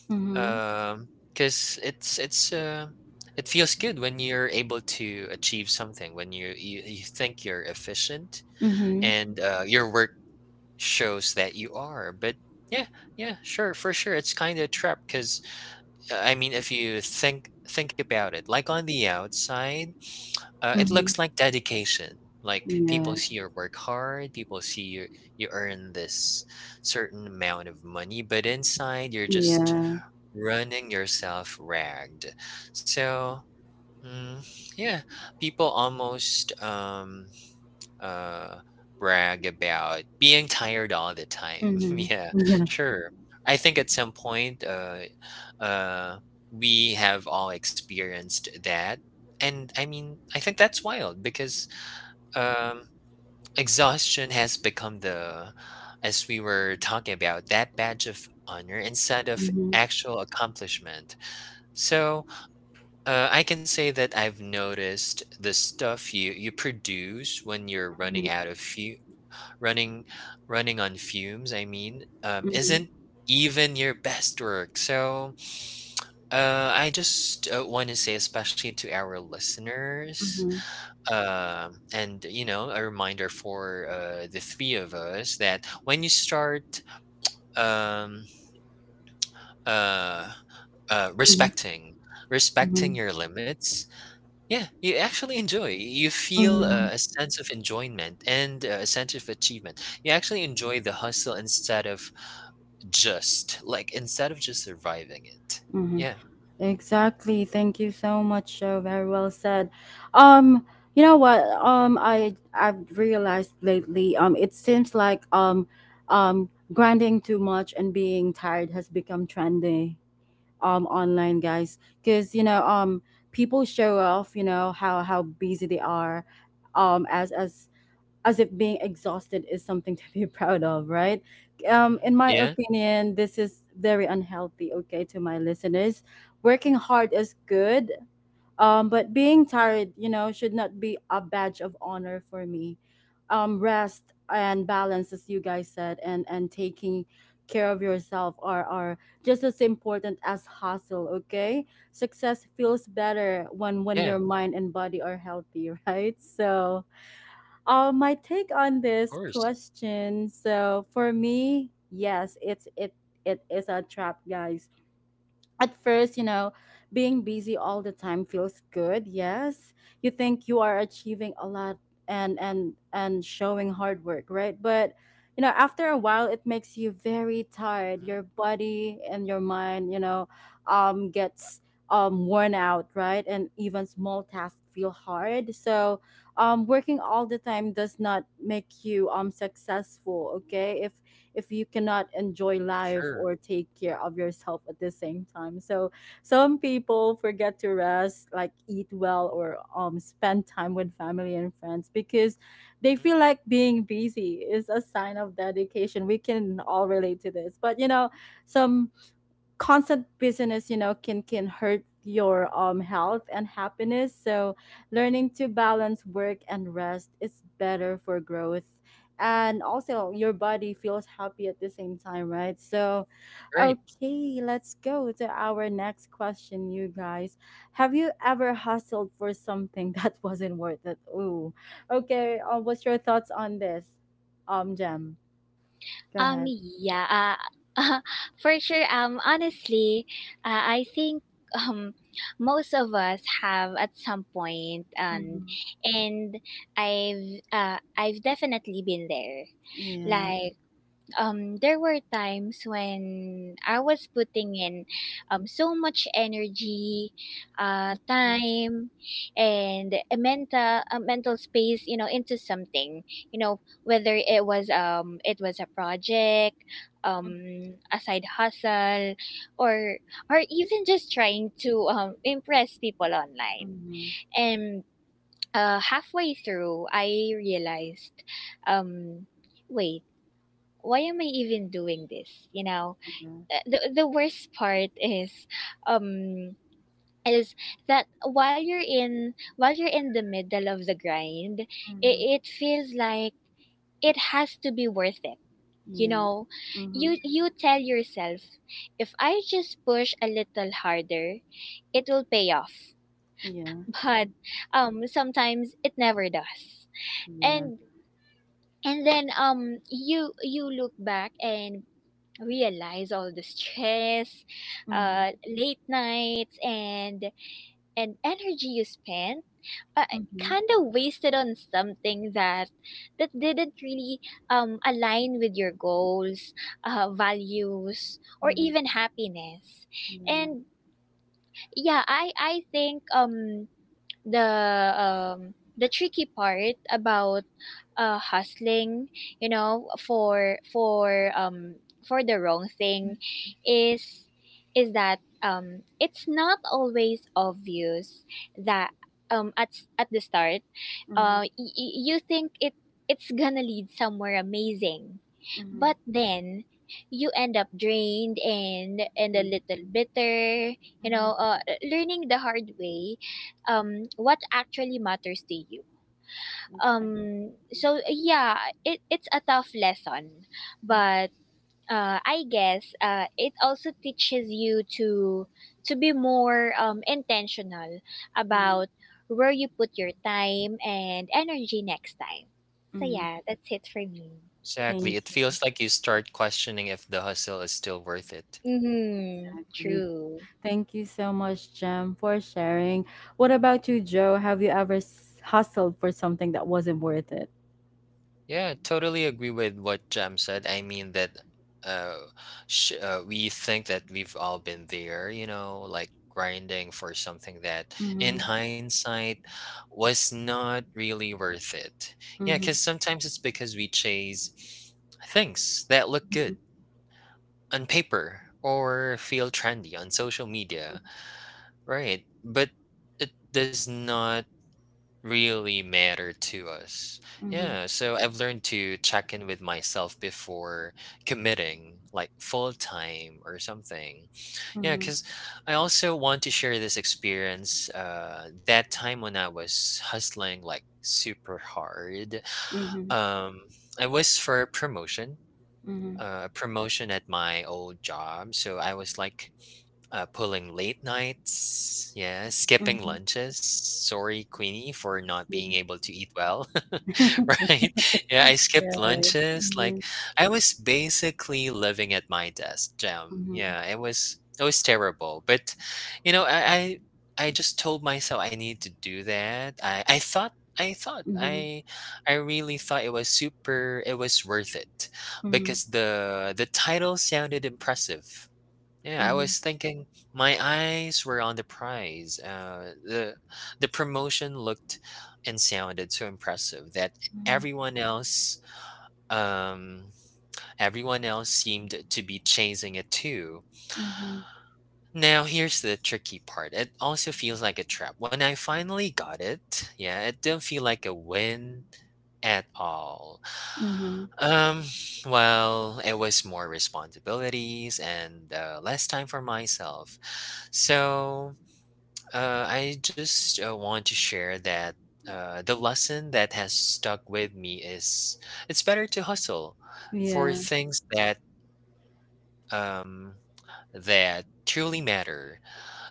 [SPEAKER 1] Mhm.
[SPEAKER 2] um cuz it's it's uh it feels good when you're able to achieve something, when you think you're efficient,
[SPEAKER 1] Mhm.
[SPEAKER 2] and your work shows that you are. But yeah, yeah, sure, for sure, it's kind of a trap, cuz I mean, if you think about it, like on the outside, it
[SPEAKER 1] Mhm.
[SPEAKER 2] looks like dedication. Like
[SPEAKER 1] Yeah.
[SPEAKER 2] people see you work hard, people see you earn this certain amount of money, but inside you're just
[SPEAKER 1] Yeah.
[SPEAKER 2] running yourself ragged. So mm, yeah, people almost uh, brag about being tired all the time.
[SPEAKER 1] Mhm.
[SPEAKER 2] Yeah,
[SPEAKER 1] Yeah.
[SPEAKER 2] sure. I think at some point, uh, we have all experienced that. And I mean, I think that's wild, because um, exhaustion has become the, as we were talking about, that badge of honor, instead of
[SPEAKER 1] Mhm.
[SPEAKER 2] actual accomplishment. So I can say that I've noticed the stuff you produce when you're running
[SPEAKER 1] Mhm.
[SPEAKER 2] out of fuel, running running on fumes, I mean,
[SPEAKER 1] Mhm.
[SPEAKER 2] isn't even your best work. So I just want to say, especially to our listeners,
[SPEAKER 1] Mhm.
[SPEAKER 2] and a reminder for the three of us, that when you start um, uh, uh,
[SPEAKER 1] Mhm.
[SPEAKER 2] respecting respecting
[SPEAKER 1] Mhm.
[SPEAKER 2] your limits, yeah, you actually enjoy. You feel
[SPEAKER 1] Mhm.
[SPEAKER 2] a sense of enjoyment and a sense of achievement. You actually enjoy the hustle instead of — just, like, instead of just surviving it.
[SPEAKER 1] Mhm.
[SPEAKER 2] Yeah.
[SPEAKER 1] Exactly. Thank you so much, Joe. Very well said. Um, you know what? I've realized lately, it seems like grinding too much and being tired has become trendy online, guys, because you know people show off you know how busy they are, um as as as if being exhausted is something to be proud of, right?
[SPEAKER 2] Mhm.
[SPEAKER 1] In my
[SPEAKER 2] Yeah,
[SPEAKER 1] opinion, this is very unhealthy, okay, to my listeners. Working hard is good, but being tired, you know, should not be a badge of honor for me. Rest and balance, as you guys said, and taking care of yourself are just as important as hustle. Okay, success feels better when
[SPEAKER 2] yeah,
[SPEAKER 1] your mind and body are healthy, right? So, my take on
[SPEAKER 2] of
[SPEAKER 1] this
[SPEAKER 2] course.
[SPEAKER 1] question. So for me, yes, it is a trap, guys. At first, you know, being busy all the time feels good. Yes, you think you are achieving a lot and showing hard work, right? But you know, after a while, it makes you very tired.
[SPEAKER 2] Mhm.
[SPEAKER 1] Your body and your mind, you know, gets worn out, right? And even small tasks feel hard. So, working all the time does not make you successful. Okay, if you cannot enjoy life
[SPEAKER 2] Sure.
[SPEAKER 1] or take care of yourself at the same time. So some people forget to rest, like eat well or spend time with family and friends because they
[SPEAKER 2] Mhm.
[SPEAKER 1] feel like being busy is a sign of dedication. We can all relate to this. But you know, some constant busyness you know can hurt your health and happiness. So learning to balance work and rest is better for growth, and also your body feels happy at the same time, right? So
[SPEAKER 2] Right.
[SPEAKER 1] okay, let's go to our next question, you guys. Have you ever hustled for something that wasn't worth it? Ooh, okay, what's your thoughts on this, Gem? Go ahead.
[SPEAKER 3] Yeah. Uh, for sure. Um, honestly, I think um most of us have at some point, and
[SPEAKER 1] Mhm.
[SPEAKER 3] and I've definitely been there.
[SPEAKER 1] Yeah.
[SPEAKER 3] Like, there were times when I was putting in so much energy, time, and a mental space, you know, into something. You know, whether it was a project,
[SPEAKER 1] Mhm.
[SPEAKER 3] a side hustle, or or even just trying to impress people online.
[SPEAKER 1] Mhm.
[SPEAKER 3] And halfway through I realized, um wait, why am I even doing this? You know,
[SPEAKER 1] Yeah.
[SPEAKER 3] the the worst part is, um, is that while you're in, the middle of the grind,
[SPEAKER 1] Mhm.
[SPEAKER 3] it feels like it has to be worth it. You
[SPEAKER 1] Yeah.
[SPEAKER 3] know,
[SPEAKER 1] Mhm.
[SPEAKER 3] you tell yourself, if I just push a little harder, it will pay off.
[SPEAKER 1] Yeah.
[SPEAKER 3] But sometimes it never does,
[SPEAKER 1] Yeah.
[SPEAKER 3] and and then you you look back and realize all the stress,
[SPEAKER 1] Mhm.
[SPEAKER 3] late nights, and energy you spent, uh,
[SPEAKER 1] Mhm.
[SPEAKER 3] kind of wasted on something that didn't really align with your goals, values, or
[SPEAKER 1] Mhm.
[SPEAKER 3] even happiness.
[SPEAKER 1] Yeah.
[SPEAKER 3] And I think the the tricky part about hustling, you know for for um for the wrong
[SPEAKER 1] Mhm.
[SPEAKER 3] thing is that, it's not always obvious that, at the start,
[SPEAKER 1] Mhm.
[SPEAKER 3] you think it's gonna lead somewhere amazing,
[SPEAKER 1] Mhm.
[SPEAKER 3] but then you end up drained and
[SPEAKER 1] Yeah.
[SPEAKER 3] a little bitter. You
[SPEAKER 1] Mhm.
[SPEAKER 3] know, learning the hard way what actually matters to you.
[SPEAKER 1] Exactly.
[SPEAKER 3] So yeah, it's a tough lesson,
[SPEAKER 1] Mhm.
[SPEAKER 3] but I guess it also teaches you to be more intentional
[SPEAKER 1] Yeah.
[SPEAKER 3] about where you put your time and energy next time. So
[SPEAKER 1] Mhm.
[SPEAKER 3] yeah, that's it for me.
[SPEAKER 2] Exactly.
[SPEAKER 1] Thank
[SPEAKER 2] It feels
[SPEAKER 1] you.
[SPEAKER 2] like you start questioning if the hustle is still worth it.
[SPEAKER 3] Mm-hmm.
[SPEAKER 1] Exactly.
[SPEAKER 3] True.
[SPEAKER 1] Thank you so much, Jem, for sharing. What about you, Joe? Have you ever hustled for something that wasn't worth it?
[SPEAKER 2] Yeah, totally agree with what Jam said. I mean, that uh, sh we think that we've all been there, you know, like grinding for something that, in
[SPEAKER 1] Mhm.
[SPEAKER 2] hindsight, was not really worth it. Yeah,
[SPEAKER 1] Mhm.
[SPEAKER 2] 'cause sometimes it's because we chase things that look
[SPEAKER 1] Mhm.
[SPEAKER 2] good on paper or feel trendy on social media, right? But it does not really matter to us.
[SPEAKER 1] Mhm.
[SPEAKER 2] Yeah, so I've learned to check in with myself before committing, like full time or something. Yeah,
[SPEAKER 1] Mhm.
[SPEAKER 2] because I also want to share this experience. That time when I was hustling like super hard,
[SPEAKER 1] Mhm.
[SPEAKER 2] um, I was for a promotion.
[SPEAKER 1] Mhm.
[SPEAKER 2] A promotion at my old job, so I was like pulling late nights, yeah, skipping
[SPEAKER 1] Mhm.
[SPEAKER 2] lunches. Sorry, Queenie, for not being able to eat well.
[SPEAKER 1] Mhm.
[SPEAKER 2] Right? Yeah, I
[SPEAKER 1] Yeah.
[SPEAKER 2] skipped
[SPEAKER 1] Yeah.
[SPEAKER 2] lunches. Like
[SPEAKER 1] Mhm.
[SPEAKER 2] I was basically living at my desk, Jam.
[SPEAKER 1] Mhm.
[SPEAKER 2] Yeah, it was terrible. But you know, I I, I just told myself I need to do that. I thought. I thought
[SPEAKER 1] Mhm.
[SPEAKER 2] I I really thought it was worth it,
[SPEAKER 1] Mhm.
[SPEAKER 2] because the title sounded impressive. Yeah, I
[SPEAKER 1] Mhm.
[SPEAKER 2] was thinking, my eyes were on the prize. The promotion looked and sounded so impressive that
[SPEAKER 1] Mhm.
[SPEAKER 2] everyone else um seemed to be chasing it too.
[SPEAKER 1] Mhm.
[SPEAKER 2] Now here's the tricky part. It also feels like a trap. When I finally got it, yeah, it didn't feel like a win at all.
[SPEAKER 1] Mhm.
[SPEAKER 2] Um, well, it was more responsibilities and less time for myself. So I just want to share that the lesson that has stuck with me is: it's better to hustle for
[SPEAKER 1] Yeah.
[SPEAKER 2] things um, that truly matter,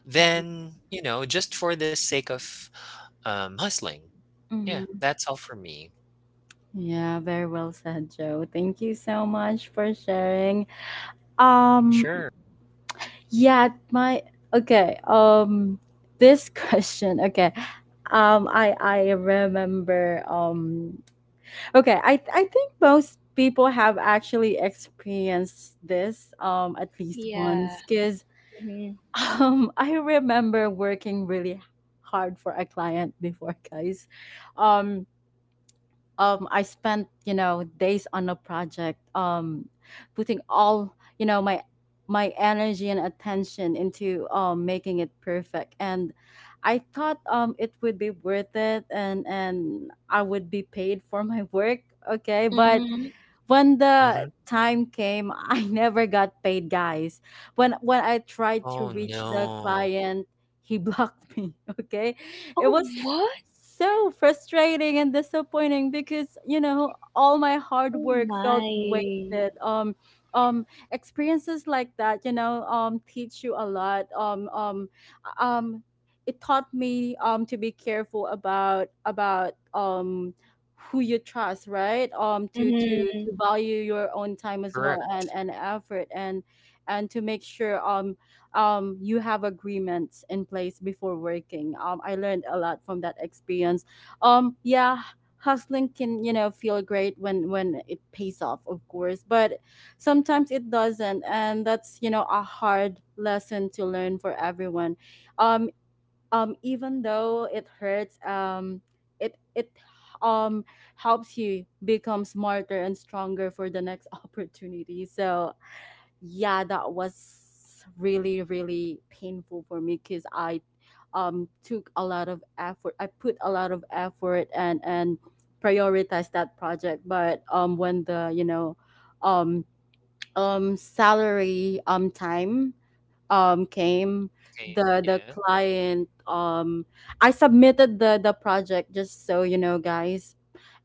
[SPEAKER 2] than just for the sake of hustling. Yeah,
[SPEAKER 1] Mhm.
[SPEAKER 2] that's all for me.
[SPEAKER 1] Yeah, very well said, Joe. Thank you so much for sharing. Um,
[SPEAKER 2] Sure.
[SPEAKER 1] yeah, my Okay. This question, okay. I remember. Okay, I think most people have actually experienced this at least
[SPEAKER 3] Yeah.
[SPEAKER 1] once, because
[SPEAKER 3] Mm-hmm.
[SPEAKER 1] I remember working really hard for a client before, guys. Um, I spent you know days on a project, putting all you know my energy and attention into making it perfect, and I thought it would be worth it, and I would be paid for my work. Okay, but
[SPEAKER 3] Mm-hmm.
[SPEAKER 1] when
[SPEAKER 2] Hmm.
[SPEAKER 1] the time came, I never got paid, guys. When I tried to
[SPEAKER 2] Oh
[SPEAKER 1] reach the
[SPEAKER 2] no.
[SPEAKER 1] client, he blocked me. Okay, it
[SPEAKER 3] Oh,
[SPEAKER 1] was
[SPEAKER 3] what?
[SPEAKER 1] so frustrating and disappointing because you know all my hard
[SPEAKER 3] Oh
[SPEAKER 1] work felt
[SPEAKER 3] my.
[SPEAKER 1] wasted. Um Experiences like that, you know, teach you a lot. Um it taught me to be careful about who you trust, right? To
[SPEAKER 3] Mm-hmm.
[SPEAKER 1] value your own time as well,
[SPEAKER 2] Correct.
[SPEAKER 1] and effort, and to make sure you have agreements in place before working. I learned a lot from that experience. Yeah, hustling can you know feel great when it pays off, of course, but sometimes it doesn't, and that's you know a hard lesson to learn for everyone. um Even though it hurts, it it um helps you become smarter and stronger for the next opportunity. So yeah, that was really really painful for me because I took a lot of effort. I put a lot of effort, and prioritized that project, but when the you know um salary time came,
[SPEAKER 2] Okay.
[SPEAKER 1] the
[SPEAKER 2] Yeah.
[SPEAKER 1] client, I submitted the project, just so you know, guys.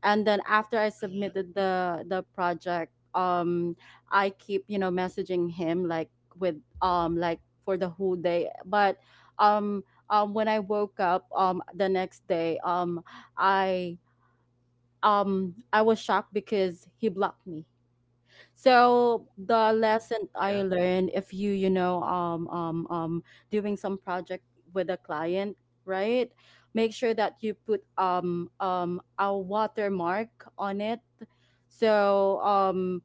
[SPEAKER 1] And then after I
[SPEAKER 2] Mhm.
[SPEAKER 1] submitted the project, I keep you know messaging him, like, with like for the whole day. But um when I woke up the next day, i I was shocked because he blocked me. So the
[SPEAKER 2] Mhm.
[SPEAKER 1] lesson I
[SPEAKER 2] Yeah.
[SPEAKER 1] learned, if you you know doing some project with a client, right? Make sure that you put a watermark on it, so um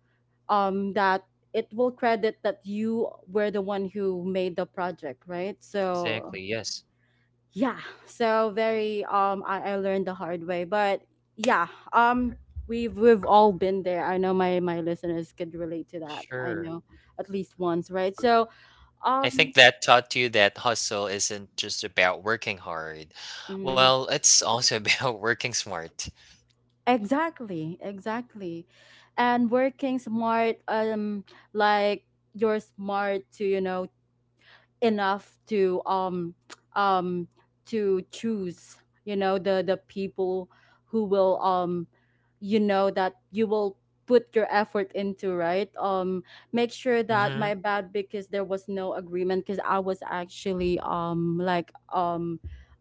[SPEAKER 1] um that it will credit that you were the one who made the project, right? So
[SPEAKER 2] Exactly. Yes.
[SPEAKER 1] yeah, so very I learned the hard way, but yeah, um we've all been there. I know my listeners could relate to that, I
[SPEAKER 2] Sure.
[SPEAKER 1] know, at least once, right? So
[SPEAKER 2] I
[SPEAKER 1] um
[SPEAKER 2] think that taught you that hustle isn't just about working hard.
[SPEAKER 1] mm,
[SPEAKER 2] Well, it's also about working smart.
[SPEAKER 1] exactly, exactly. And working smart, like you're smart to you know enough um to choose you know the people who will you know that you will put your effort into, right? Make sure that, my
[SPEAKER 2] Mm-hmm.
[SPEAKER 1] bad, because there was no agreement, because I was actually um like um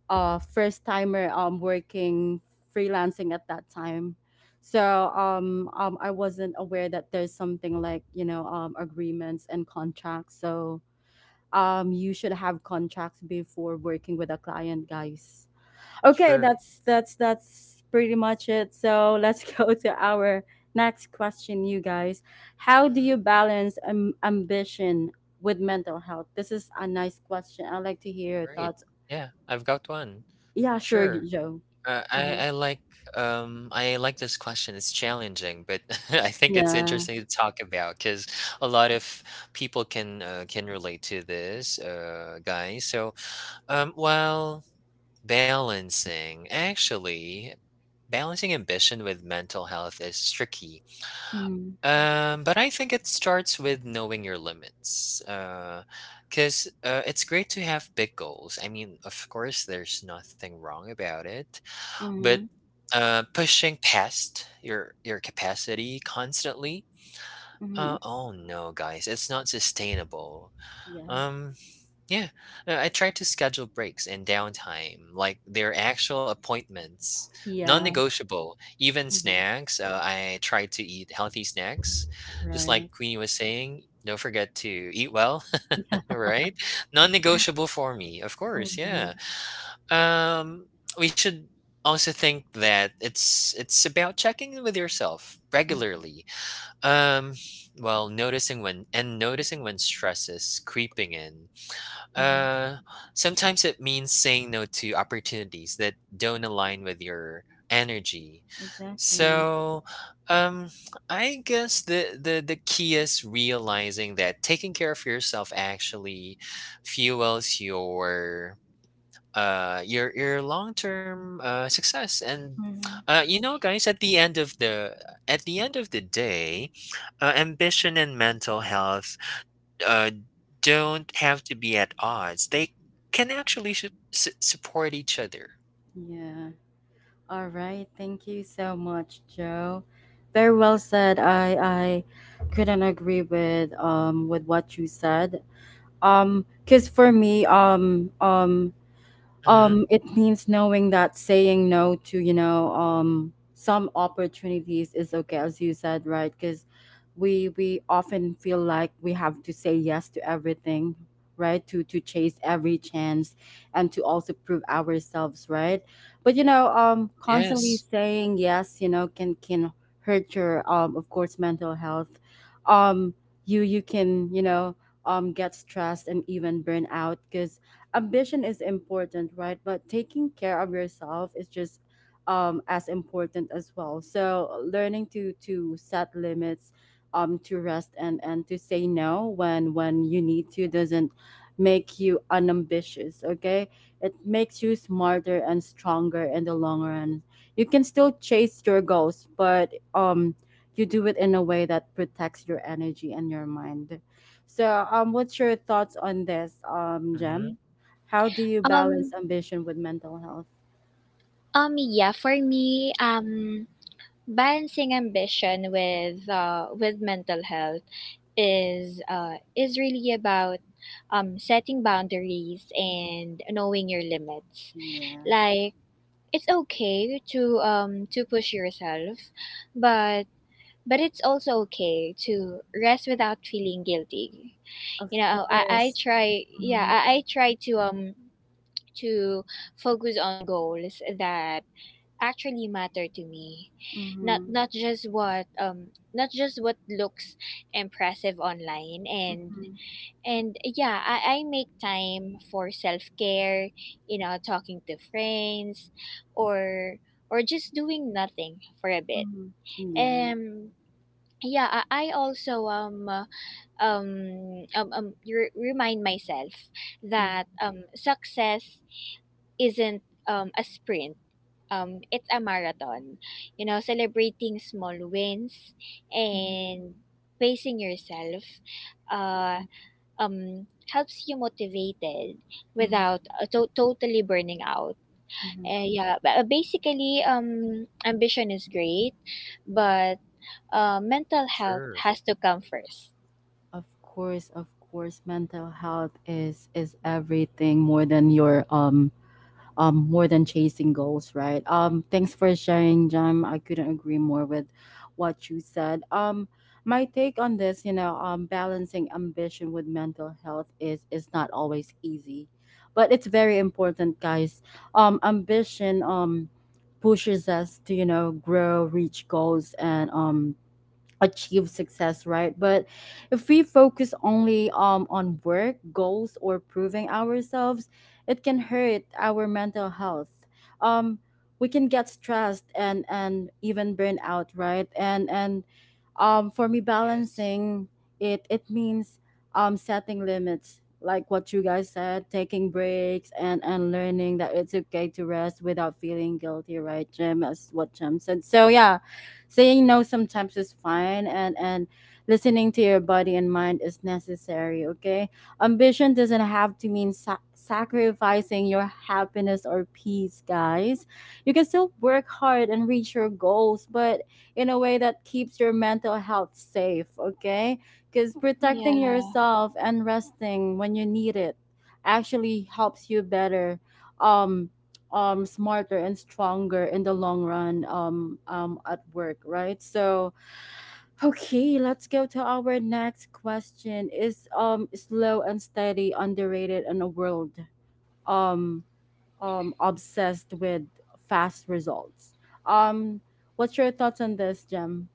[SPEAKER 1] uh first timer working, freelancing at that time. So I wasn't aware that there's something like you know agreements and contracts. So you should have contracts before working with a client, guys. Okay,
[SPEAKER 2] Sure.
[SPEAKER 1] that's pretty much it. So let's go to our next question, you guys. How do
[SPEAKER 2] Mm-hmm.
[SPEAKER 1] you balance ambition with mental health? This is a nice question. I'd like to hear your
[SPEAKER 2] Right.
[SPEAKER 1] thoughts.
[SPEAKER 2] Yeah. I've got one.
[SPEAKER 1] Yeah, sure,
[SPEAKER 2] Sure.
[SPEAKER 1] Joe.
[SPEAKER 2] I
[SPEAKER 1] Hmm.
[SPEAKER 2] like I like this question. It's challenging, but I think it's
[SPEAKER 1] Yeah.
[SPEAKER 2] interesting to talk about because a lot of people can relate to this, guys. So Um, well, balancing. Actually, balancing ambition with mental health is tricky.
[SPEAKER 1] Mm-hmm.
[SPEAKER 2] But I think it starts with knowing your limits. Because it's great to have big goals. I mean, of course, there's nothing wrong about it. But
[SPEAKER 1] Mm-hmm.
[SPEAKER 2] pushing past your capacity constantly.
[SPEAKER 1] Mm-hmm.
[SPEAKER 2] Oh no, guys, it's not sustainable.
[SPEAKER 1] Yeah.
[SPEAKER 2] Um, Yeah, I try to schedule breaks and downtime, like their actual appointments,
[SPEAKER 1] Yeah.
[SPEAKER 2] non-negotiable. Even
[SPEAKER 1] Mm-hmm.
[SPEAKER 2] snacks, I try to eat healthy snacks, just
[SPEAKER 1] Right.
[SPEAKER 2] like Queenie was saying. Don't forget to eat well,
[SPEAKER 1] Yeah.
[SPEAKER 2] right? Non-negotiable for me, of course.
[SPEAKER 1] Mm-hmm.
[SPEAKER 2] Yeah. Um, we should also think that it's about checking in with yourself
[SPEAKER 1] Mm-hmm.
[SPEAKER 2] regularly. Um, noticing when stress is creeping in
[SPEAKER 1] Mm-hmm.
[SPEAKER 2] uh, sometimes it means saying no to opportunities that don't align with your energy.
[SPEAKER 1] Exactly.
[SPEAKER 2] So, um, I guess the key is realizing that taking care of yourself actually fuels your long term success. And
[SPEAKER 1] Mm-hmm.
[SPEAKER 2] you know guys, at the end of the day, ambition and mental health uh, don't have to be at odds. They can actually support each other.
[SPEAKER 1] Yeah. All right, thank you so much, Joe. Very well said. I couldn't agree with what you said. Cause for me,
[SPEAKER 2] Mm-hmm.
[SPEAKER 1] it means knowing that saying no to you know some opportunities is okay, as you said, right? Because we often feel like we have to say yes to everything, right? To chase every chance, and to also prove ourselves, right? But you know constantly
[SPEAKER 2] Yes.
[SPEAKER 1] saying yes you know can hurt your of course mental health. Um you you can you know get stressed and even burn out because ambition is important, right? But taking care of yourself is just as important as well. So learning to set limits, to rest, and to say no when you need to, doesn't make you unambitious. Okay, it makes you smarter and stronger in the long run. You can still chase your goals, but. You do it in a way that protects your energy and your mind. So, what's your thoughts on this,
[SPEAKER 2] Mm-hmm.
[SPEAKER 1] Jem? How do you
[SPEAKER 3] Um
[SPEAKER 1] balance ambition with mental health?
[SPEAKER 3] yeah, for me, balancing ambition with mental health is, is really about setting boundaries and knowing your limits.
[SPEAKER 1] Yeah,
[SPEAKER 3] Like, it's okay to, to push yourself, but it's also okay to rest without feeling guilty.
[SPEAKER 1] of
[SPEAKER 3] You know, I, I
[SPEAKER 1] course.
[SPEAKER 3] try yeah
[SPEAKER 1] Mm-hmm.
[SPEAKER 3] I, I try to focus on goals that actually matter to me, not
[SPEAKER 1] Mm-hmm.
[SPEAKER 3] not just what um not just what looks impressive online, and
[SPEAKER 1] Mm-hmm.
[SPEAKER 3] yeah, I make time for self care, you know, talking to friends or just doing nothing for a bit.
[SPEAKER 1] Mm-hmm. Yeah.
[SPEAKER 3] Um yeah, I also remind myself
[SPEAKER 1] Mm-hmm.
[SPEAKER 3] that success isn't a sprint. It's a marathon, you know, celebrating small wins
[SPEAKER 1] Mm-hmm.
[SPEAKER 3] and pacing yourself. Uh, um helps you motivated
[SPEAKER 1] Mm-hmm.
[SPEAKER 3] without totally burning out.
[SPEAKER 1] Mm-hmm.
[SPEAKER 3] Yeah, but basically, ambition is great, but mental health
[SPEAKER 2] Sure.
[SPEAKER 3] has to come first.
[SPEAKER 1] Of course, mental health is everything, more than your more than chasing goals, right? Thanks for sharing, Jam. I couldn't agree more with what you said. My take on this, you know, balancing ambition with mental health is not always easy, but it's very important, guys. Ambition pushes us to you know grow, reach goals, and achieve success, right? But if we focus only on work goals or proving ourselves, it can hurt our mental health. um, we can get stressed and even burn out, right? And For me,
[SPEAKER 2] Yes.
[SPEAKER 1] balancing it means setting limits like what you guys said, taking breaks, and learning that it's okay to rest without feeling guilty, right? Jim as what jim said. So yeah, saying no sometimes is fine, and listening to your body and mind is necessary. Okay, ambition doesn't have to mean sacrificing your happiness or peace, guys. You can still work hard and reach your goals, but in a way that keeps your mental health safe. Okay, because protecting
[SPEAKER 3] yeah
[SPEAKER 1] yourself and resting when you need it actually helps you better, um smarter and stronger in the long run at work, right? So, okay, let's go to our next question. Is slow and steady underrated in a world um, obsessed with fast results? Um, what's your thoughts on this, Jem?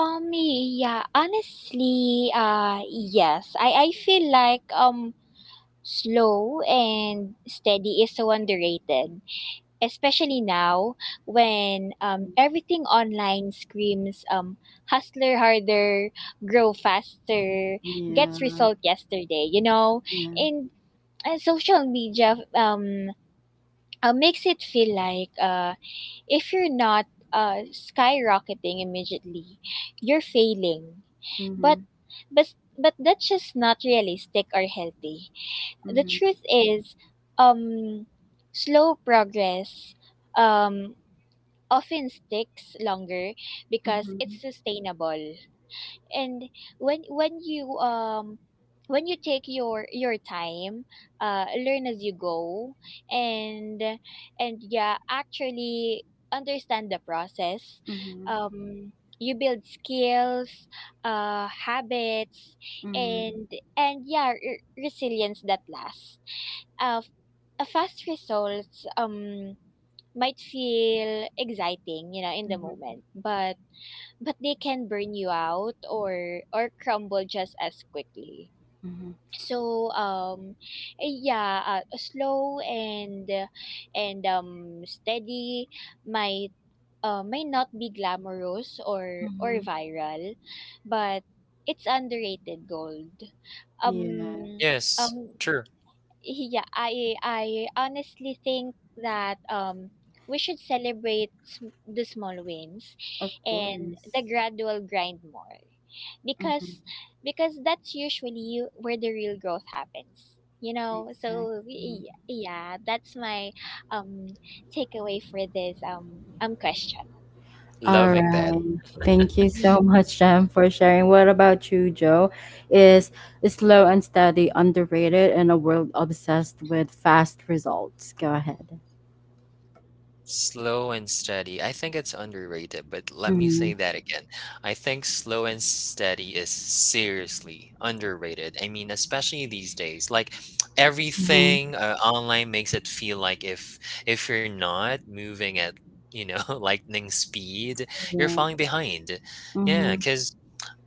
[SPEAKER 3] yeah, honestly, yes, I feel like, slow and steady is so underrated, especially now, when
[SPEAKER 1] Mhm.
[SPEAKER 3] everything online screams hustler harder, grow faster, gets
[SPEAKER 1] Yeah,
[SPEAKER 3] result yesterday, you know?
[SPEAKER 1] yeah.
[SPEAKER 3] And social media makes it feel like, if you're not skyrocketing immediately, you're failing.
[SPEAKER 1] Mm-hmm.
[SPEAKER 3] But, but, but that's just not realistic or healthy. The
[SPEAKER 1] Mm-hmm.
[SPEAKER 3] truth is, um, slow progress um often sticks longer because
[SPEAKER 1] Mm-hmm.
[SPEAKER 3] it's sustainable. And when when you um when you take your time, learn as you go, and yeah, actually understand the process.
[SPEAKER 1] Mm-hmm.
[SPEAKER 3] Um, you build skills, habits,
[SPEAKER 1] Mm-hmm.
[SPEAKER 3] and yeah, resilience that lasts. Uh, a fast results might feel exciting, you know, in the
[SPEAKER 1] Mm-hmm.
[SPEAKER 3] moment, but they can burn you out or crumble just as quickly.
[SPEAKER 1] Mm-hmm.
[SPEAKER 3] So, yeah, slow and steady might, may not be glamorous or
[SPEAKER 1] Mm-hmm.
[SPEAKER 3] viral, but it's underrated gold.
[SPEAKER 1] Yeah,
[SPEAKER 3] Um
[SPEAKER 2] Yes.
[SPEAKER 3] um
[SPEAKER 2] True.
[SPEAKER 3] yeah, I honestly think that, we should celebrate the small wins
[SPEAKER 1] of
[SPEAKER 3] and
[SPEAKER 1] course.
[SPEAKER 3] the gradual grind more,
[SPEAKER 1] Mm-hmm.
[SPEAKER 3] because that's usually where the real growth happens, you know. So
[SPEAKER 1] Exactly.
[SPEAKER 3] yeah, that's my um takeaway for this, question.
[SPEAKER 1] All
[SPEAKER 2] Loving that.
[SPEAKER 1] right. Thank you so much, Jem, for sharing. What about you, Joe? Is slow and steady underrated in a world obsessed with fast results? Go ahead.
[SPEAKER 2] Slow and steady. I think it's underrated, but let me
[SPEAKER 1] Mm-hmm.
[SPEAKER 2] say that again. I think slow and steady is seriously underrated. I mean, especially these days, like
[SPEAKER 1] Mm-hmm.
[SPEAKER 2] everything online makes it feel like if you're not moving at, you know, lightning speed, you're
[SPEAKER 1] Yeah.
[SPEAKER 2] falling behind. Yeah,
[SPEAKER 1] Mm-hmm.
[SPEAKER 2] 'cause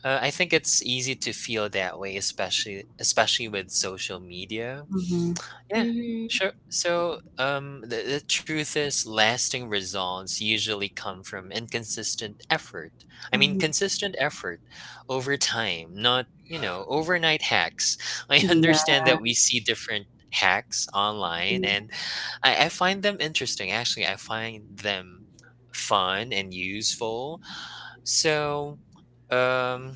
[SPEAKER 2] I think it's easy to feel that way, especially with social media.
[SPEAKER 1] Mm-hmm.
[SPEAKER 2] Yeah,
[SPEAKER 3] mm-hmm.
[SPEAKER 2] sure. So, the truth is, lasting results usually come from inconsistent effort. I mean,
[SPEAKER 1] Mm-hmm.
[SPEAKER 2] consistent effort over time, not, you know, overnight hacks. I
[SPEAKER 1] Yeah.
[SPEAKER 2] understand that we see different hacks online,
[SPEAKER 1] Mm-hmm.
[SPEAKER 2] and I find them interesting. Actually, I find them fun and useful. So, um,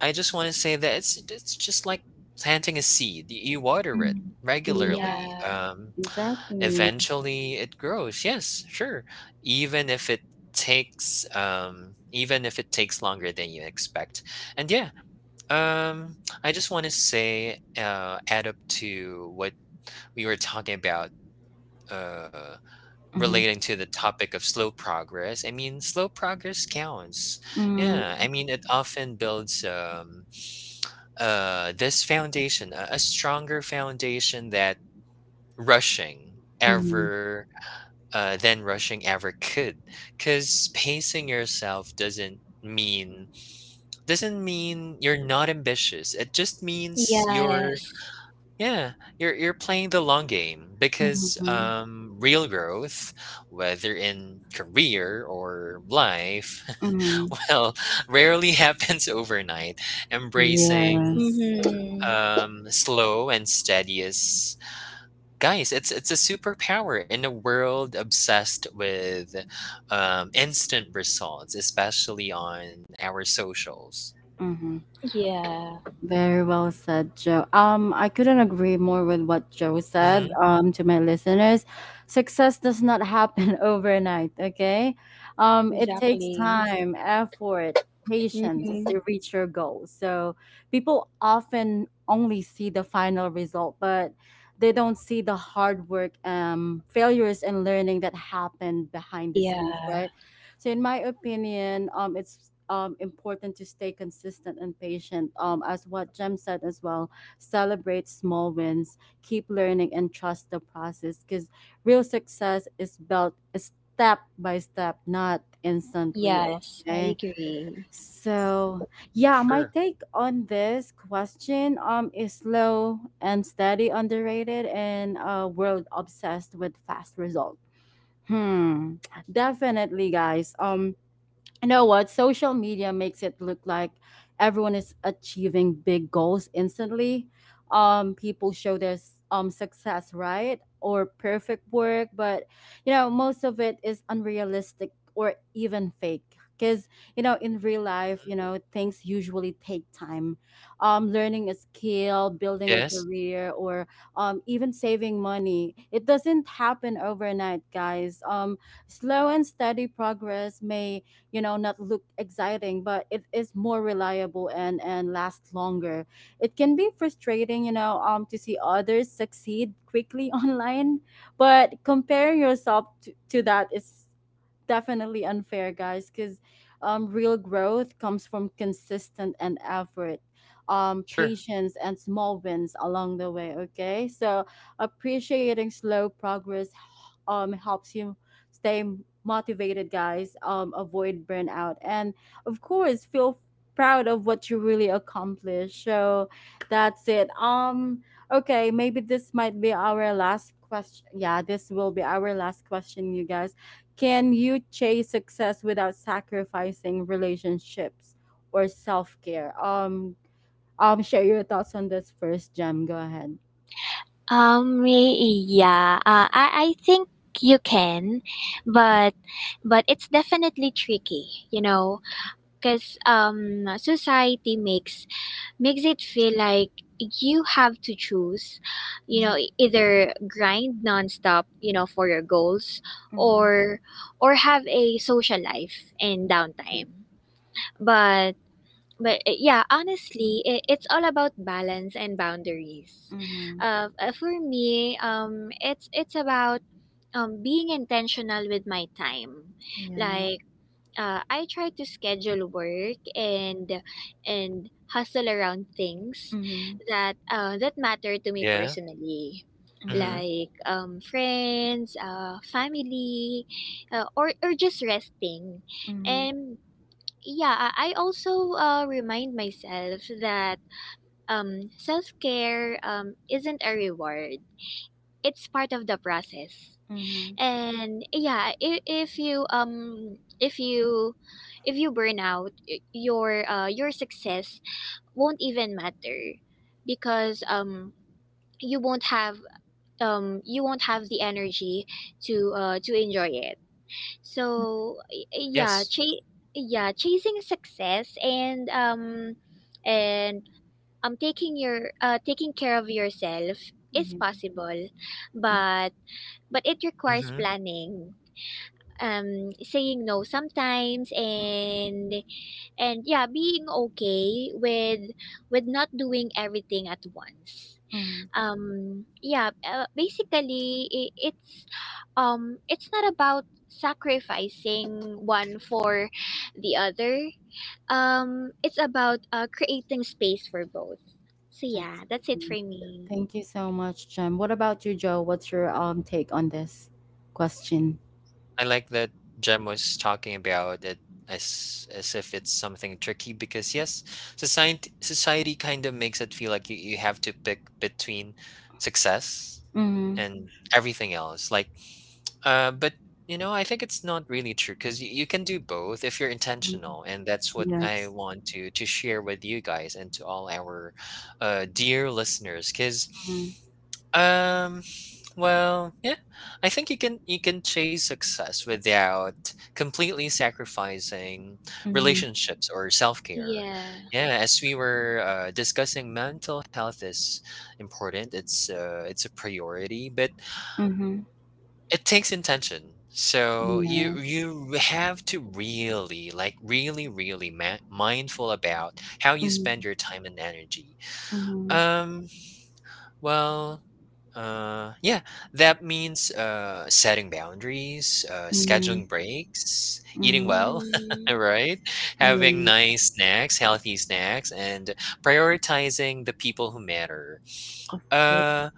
[SPEAKER 2] I just want to say that it's just like planting a seed. You water it
[SPEAKER 1] Yeah.
[SPEAKER 2] regularly.
[SPEAKER 3] Yeah.
[SPEAKER 1] Exactly.
[SPEAKER 2] Eventually, it grows. Yes, sure. Even if it takes longer than you expect. And yeah, um, I just want to say add up to what we were talking about. Uh,
[SPEAKER 1] Mm-hmm.
[SPEAKER 2] Relating to the topic of slow progress, I mean, slow progress counts. Yeah,
[SPEAKER 1] Mm-hmm.
[SPEAKER 2] I mean, it often builds this foundation, a stronger foundation that rushing
[SPEAKER 1] Mm-hmm.
[SPEAKER 2] ever, than rushing ever could, because pacing yourself doesn't mean you're not ambitious. It just means
[SPEAKER 3] Yes.
[SPEAKER 2] yeah you're you're playing the long game because
[SPEAKER 1] Mm-hmm.
[SPEAKER 2] real growth, whether in career or life,
[SPEAKER 1] Mm-hmm.
[SPEAKER 2] well, rarely happens overnight. Embracing
[SPEAKER 1] Yes.
[SPEAKER 3] Mm-hmm.
[SPEAKER 2] slow and steady is, guys, it's a superpower in a world obsessed with instant results, especially on our socials.
[SPEAKER 1] Mm-hmm.
[SPEAKER 3] Yeah.
[SPEAKER 1] Very well said, Joe. I couldn't agree more with what Joe said.
[SPEAKER 2] Hmm.
[SPEAKER 1] To my listeners, success does not happen overnight. Okay, it takes
[SPEAKER 3] Exactly.
[SPEAKER 1] time, effort, patience
[SPEAKER 3] Mm-hmm.
[SPEAKER 1] to reach your goal. So people often only see the final result, but they don't see the hard work, failures, and learning that happened behind the scenes,
[SPEAKER 3] Yeah.
[SPEAKER 1] right? So in my opinion, it's important to stay consistent and patient. As what Jem said as well, celebrate small wins, keep learning, and trust the process. Because real success is built step by step, not instantly.
[SPEAKER 3] Yes, I
[SPEAKER 1] Okay.
[SPEAKER 3] agree.
[SPEAKER 1] So yeah, my
[SPEAKER 2] Sure.
[SPEAKER 1] take on this question is slow and steady underrated in a world obsessed with fast result. Hmm. Definitely, guys. You know what, social media makes it look like everyone is achieving big goals instantly. People show their success, right? Or perfect work, but you know, most of it is unrealistic or even fake. Because you know, in real life,
[SPEAKER 2] Mhm.
[SPEAKER 1] you know, things usually take time. Learning a skill, building a
[SPEAKER 2] Yes.
[SPEAKER 1] career, or even saving money, it doesn't happen overnight, guys. Slow and steady progress may, you know, not look exciting, but it is more reliable and last longer. It can be frustrating, you know, to see others succeed quickly online, but comparing yourself to that is definitely unfair, guys, because real growth comes from consistent and effort,
[SPEAKER 2] Sure.
[SPEAKER 1] patience, and small wins along the way. Okay, so appreciating slow progress helps you stay motivated, guys. Avoid burnout, and of course, feel proud of what you really accomplished. So that's it. Okay, maybe this might be our last question. Yeah, this will be our last question, you guys. Can you chase success without sacrificing relationships or self care? Share your thoughts on this first, Jem. Go ahead.
[SPEAKER 3] Um, y- yeah, I think you can, but it's definitely tricky, you know, because, society makes it feel like you have to choose, you
[SPEAKER 1] Mm-hmm.
[SPEAKER 3] know, either grind nonstop, you know, for your goals,
[SPEAKER 1] Mm-hmm.
[SPEAKER 3] or have a social life and downtime, but But yeah, honestly, it's all about balance and boundaries.
[SPEAKER 1] Mm-hmm.
[SPEAKER 3] For me, it's about, being intentional with my time.
[SPEAKER 1] Yeah.
[SPEAKER 3] Like, I try to schedule work and hustle around things
[SPEAKER 1] Mm-hmm.
[SPEAKER 3] that, that matter to me
[SPEAKER 2] Yeah.
[SPEAKER 3] personally,
[SPEAKER 1] Mm-hmm.
[SPEAKER 2] Hmm.
[SPEAKER 3] like, friends, family, or just resting.
[SPEAKER 1] Mm-hmm.
[SPEAKER 3] And yeah, I also remind myself that, self-care, isn't a reward, it's part of the process.
[SPEAKER 1] Mm-hmm.
[SPEAKER 3] And yeah, if you if you if you burn out, your success won't even matter, because, you won't have the energy to, to enjoy it. So yeah,
[SPEAKER 2] Yes.
[SPEAKER 3] yeah, chasing success and and taking your taking care of yourself is
[SPEAKER 1] Yeah.
[SPEAKER 3] possible, but it requires
[SPEAKER 2] Mm-hmm.
[SPEAKER 3] planning. Saying no sometimes, and yeah, being okay with not doing everything at once.
[SPEAKER 1] Mm-hmm.
[SPEAKER 3] Yeah, basically I it's, it's not about sacrificing one for the other, it's about, creating space for both. So yeah, that's it
[SPEAKER 1] Exactly.
[SPEAKER 3] for me.
[SPEAKER 1] Thank you so much, Jem. What about you, Joe? What's your take on this question?
[SPEAKER 2] I like that Jem was talking about it as if it's something tricky because yes, society kind of makes it feel like you have to pick between success
[SPEAKER 1] Mm-hmm.
[SPEAKER 2] and everything else. Like, but you know, I think it's not really true because you can do both if you're intentional, and that's what I
[SPEAKER 1] Yes.
[SPEAKER 2] want to share with you guys and to all our dear listeners. Because um, yeah, I think you can chase success without completely sacrificing
[SPEAKER 1] Mm-hmm.
[SPEAKER 2] relationships or self care.
[SPEAKER 3] Yeah.
[SPEAKER 2] Yeah, as we were discussing, mental health is important. It's a priority, but
[SPEAKER 1] Mm-hmm.
[SPEAKER 2] it takes intention. So you
[SPEAKER 1] Yeah.
[SPEAKER 2] you have to really like really mindful about how you spend your time and energy.
[SPEAKER 1] Mm-hmm.
[SPEAKER 2] Um, well, yeah, that means setting boundaries,
[SPEAKER 1] Mm-hmm.
[SPEAKER 2] scheduling breaks, eating
[SPEAKER 1] Mhm.
[SPEAKER 2] well,
[SPEAKER 3] Mm-hmm.
[SPEAKER 2] right? Having
[SPEAKER 1] Yeah,
[SPEAKER 2] nice snacks, healthy snacks, and prioritizing the people who matter.
[SPEAKER 1] of course.
[SPEAKER 2] Uh,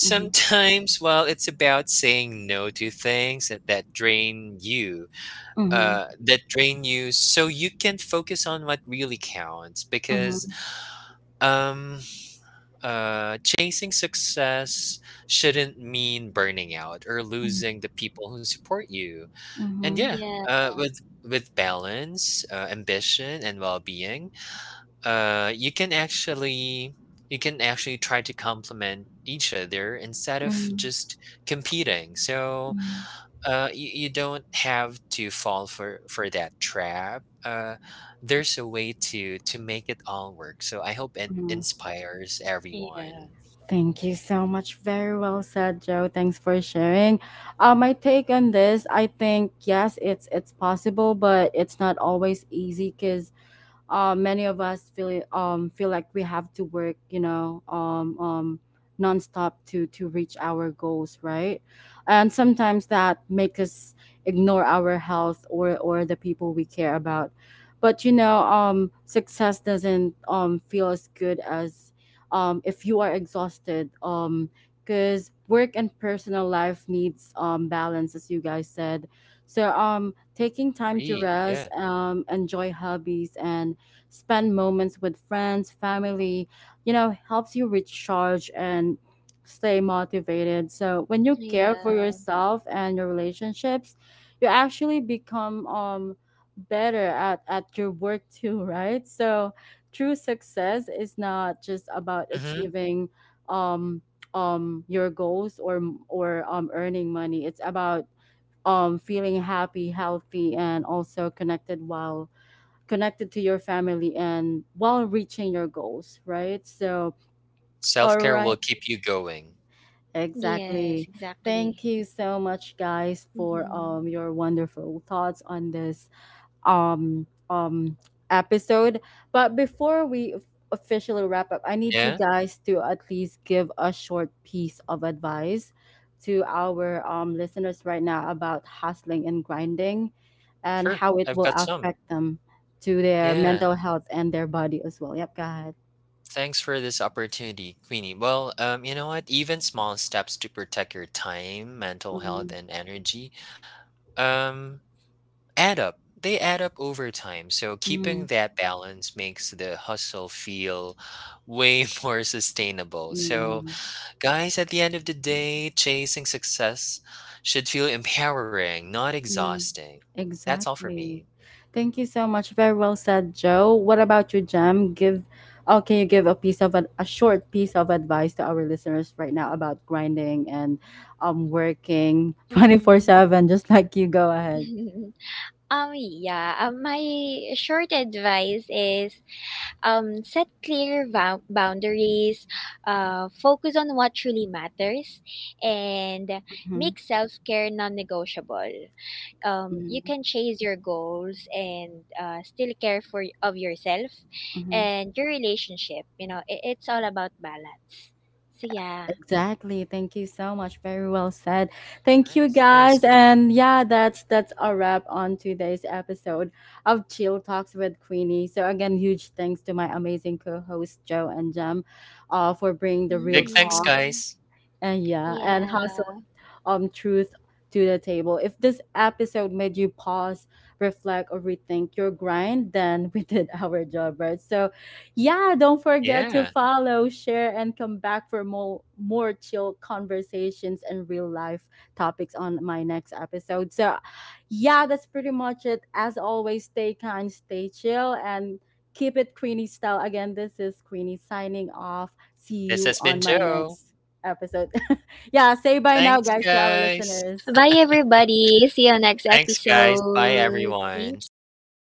[SPEAKER 1] Mhm.
[SPEAKER 2] well, it's about saying no to things that, drain you,
[SPEAKER 1] Mhm.
[SPEAKER 2] so you can focus on what really counts. Because,
[SPEAKER 1] Mhm.
[SPEAKER 2] um, chasing success shouldn't mean burning out or
[SPEAKER 1] Mhm.
[SPEAKER 2] losing the people who support you. And
[SPEAKER 1] Mhm.
[SPEAKER 2] yeah,
[SPEAKER 3] Yeah.
[SPEAKER 2] with balance, ambition, and well being, you can actually try to complement each other instead of
[SPEAKER 1] Mhm.
[SPEAKER 2] just competing. So
[SPEAKER 1] Mhm.
[SPEAKER 2] you don't have to fall for that trap. There's a way to make it all work. So I hope it
[SPEAKER 1] Mhm.
[SPEAKER 2] inspires
[SPEAKER 3] Yeah.
[SPEAKER 2] everyone.
[SPEAKER 1] Thank you so much. Very well said, Joe. Thanks for sharing. My take on this, I think yes, it's possible, but it's not always easy because many of us feel like we have to work, you know, nonstop to reach our goals, right? And sometimes that makes us ignore our health or the people we care about. But you know, success doesn't feel as good as if you are exhausted, because work and personal life needs balance, as you guys said. So taking time to
[SPEAKER 2] Agree,
[SPEAKER 1] rest,
[SPEAKER 2] yeah,
[SPEAKER 1] enjoy hobbies, and spend moments with friends, family, you know, helps you recharge and stay motivated. So when you care for
[SPEAKER 3] yeah
[SPEAKER 1] yourself and your relationships, you actually become better at your work too, right? So true success is not just about
[SPEAKER 2] mhm.
[SPEAKER 1] achieving um your goals or earning money. It's about feeling happy, healthy and also connected while connected to your family and while reaching your goals, right? So, all
[SPEAKER 2] Self-care will
[SPEAKER 1] right.
[SPEAKER 2] keep you going.
[SPEAKER 1] Exactly.
[SPEAKER 3] yes,
[SPEAKER 1] Thank
[SPEAKER 3] exactly.
[SPEAKER 1] you so much guys for
[SPEAKER 3] Mm-hmm.
[SPEAKER 1] your wonderful thoughts on this um um episode. But before we officially wrap up, I need you
[SPEAKER 2] Yeah,
[SPEAKER 1] guys to at least give a short piece of advice to our listeners right now about hustling and grinding and
[SPEAKER 2] sure,
[SPEAKER 1] how it
[SPEAKER 2] I've
[SPEAKER 1] will
[SPEAKER 2] got some.
[SPEAKER 1] affect them to their
[SPEAKER 2] Yeah,
[SPEAKER 1] mental health and their body as well. Yep, go ahead.
[SPEAKER 2] thanks for this opportunity, Queenie. Well, you know what? Even small steps to protect your time, mental health,
[SPEAKER 1] Mm-hmm.
[SPEAKER 2] and energy, um, add up. They add up over time. So keeping that balance makes the hustle feel way more sustainable. So
[SPEAKER 1] Mm-hmm.
[SPEAKER 2] guys, at the end of the day, chasing success should feel empowering, not
[SPEAKER 1] Yeah.
[SPEAKER 2] exhausting. That's all for
[SPEAKER 1] Exactly.
[SPEAKER 2] me.
[SPEAKER 1] Thank you so much. Very well said, Joe. What about you, Jem? Give, oh, can you give a piece of a short piece of advice to our listeners right now about grinding and working
[SPEAKER 3] Mm-hmm.
[SPEAKER 1] 24/7, just like, you go ahead.
[SPEAKER 3] Yeah, my short advice is, set clear boundaries, focus on what truly matters, and
[SPEAKER 1] Mhm.
[SPEAKER 3] make self care non negotiable. You
[SPEAKER 1] Mhm.
[SPEAKER 3] can chase your goals and, still care for of yourself
[SPEAKER 1] Mhm.
[SPEAKER 3] and your relationship. You know, it's all about balance. So yeah.
[SPEAKER 1] Exactly. Thank you so much. Very well said. Thank you
[SPEAKER 2] Nice,
[SPEAKER 1] guys.
[SPEAKER 2] nice.
[SPEAKER 1] And yeah, that's a wrap on today's episode of Chill Talks with Queenie. So again, huge thanks to my amazing co-hosts Joe and Jem, for bringing the real
[SPEAKER 2] Big thanks,
[SPEAKER 1] talk
[SPEAKER 3] Hmm.
[SPEAKER 2] guys.
[SPEAKER 1] and yeah, and hustle
[SPEAKER 3] Yeah.
[SPEAKER 1] truth to the table. If this episode made you pause, reflect, or rethink your grind, then we did our job, right? So yeah, don't forget to
[SPEAKER 2] Yeah,
[SPEAKER 1] follow, share, and come back for more chill conversations and real life topics on my next episode. So yeah, that's pretty much it. As always, stay kind, stay chill, and keep it Queenie style. Again, this is Queenie signing off. See
[SPEAKER 2] this
[SPEAKER 1] you
[SPEAKER 2] has been
[SPEAKER 1] on my
[SPEAKER 2] Joe.
[SPEAKER 1] next episode. Yeah, say bye now,
[SPEAKER 2] Thanks,
[SPEAKER 1] guys, to our
[SPEAKER 2] guys.
[SPEAKER 1] listeners.
[SPEAKER 3] Bye everybody. See you next
[SPEAKER 2] Thanks, guys. Bye,
[SPEAKER 3] episode.
[SPEAKER 2] everyone.
[SPEAKER 3] Thank
[SPEAKER 2] See ya.
[SPEAKER 3] you.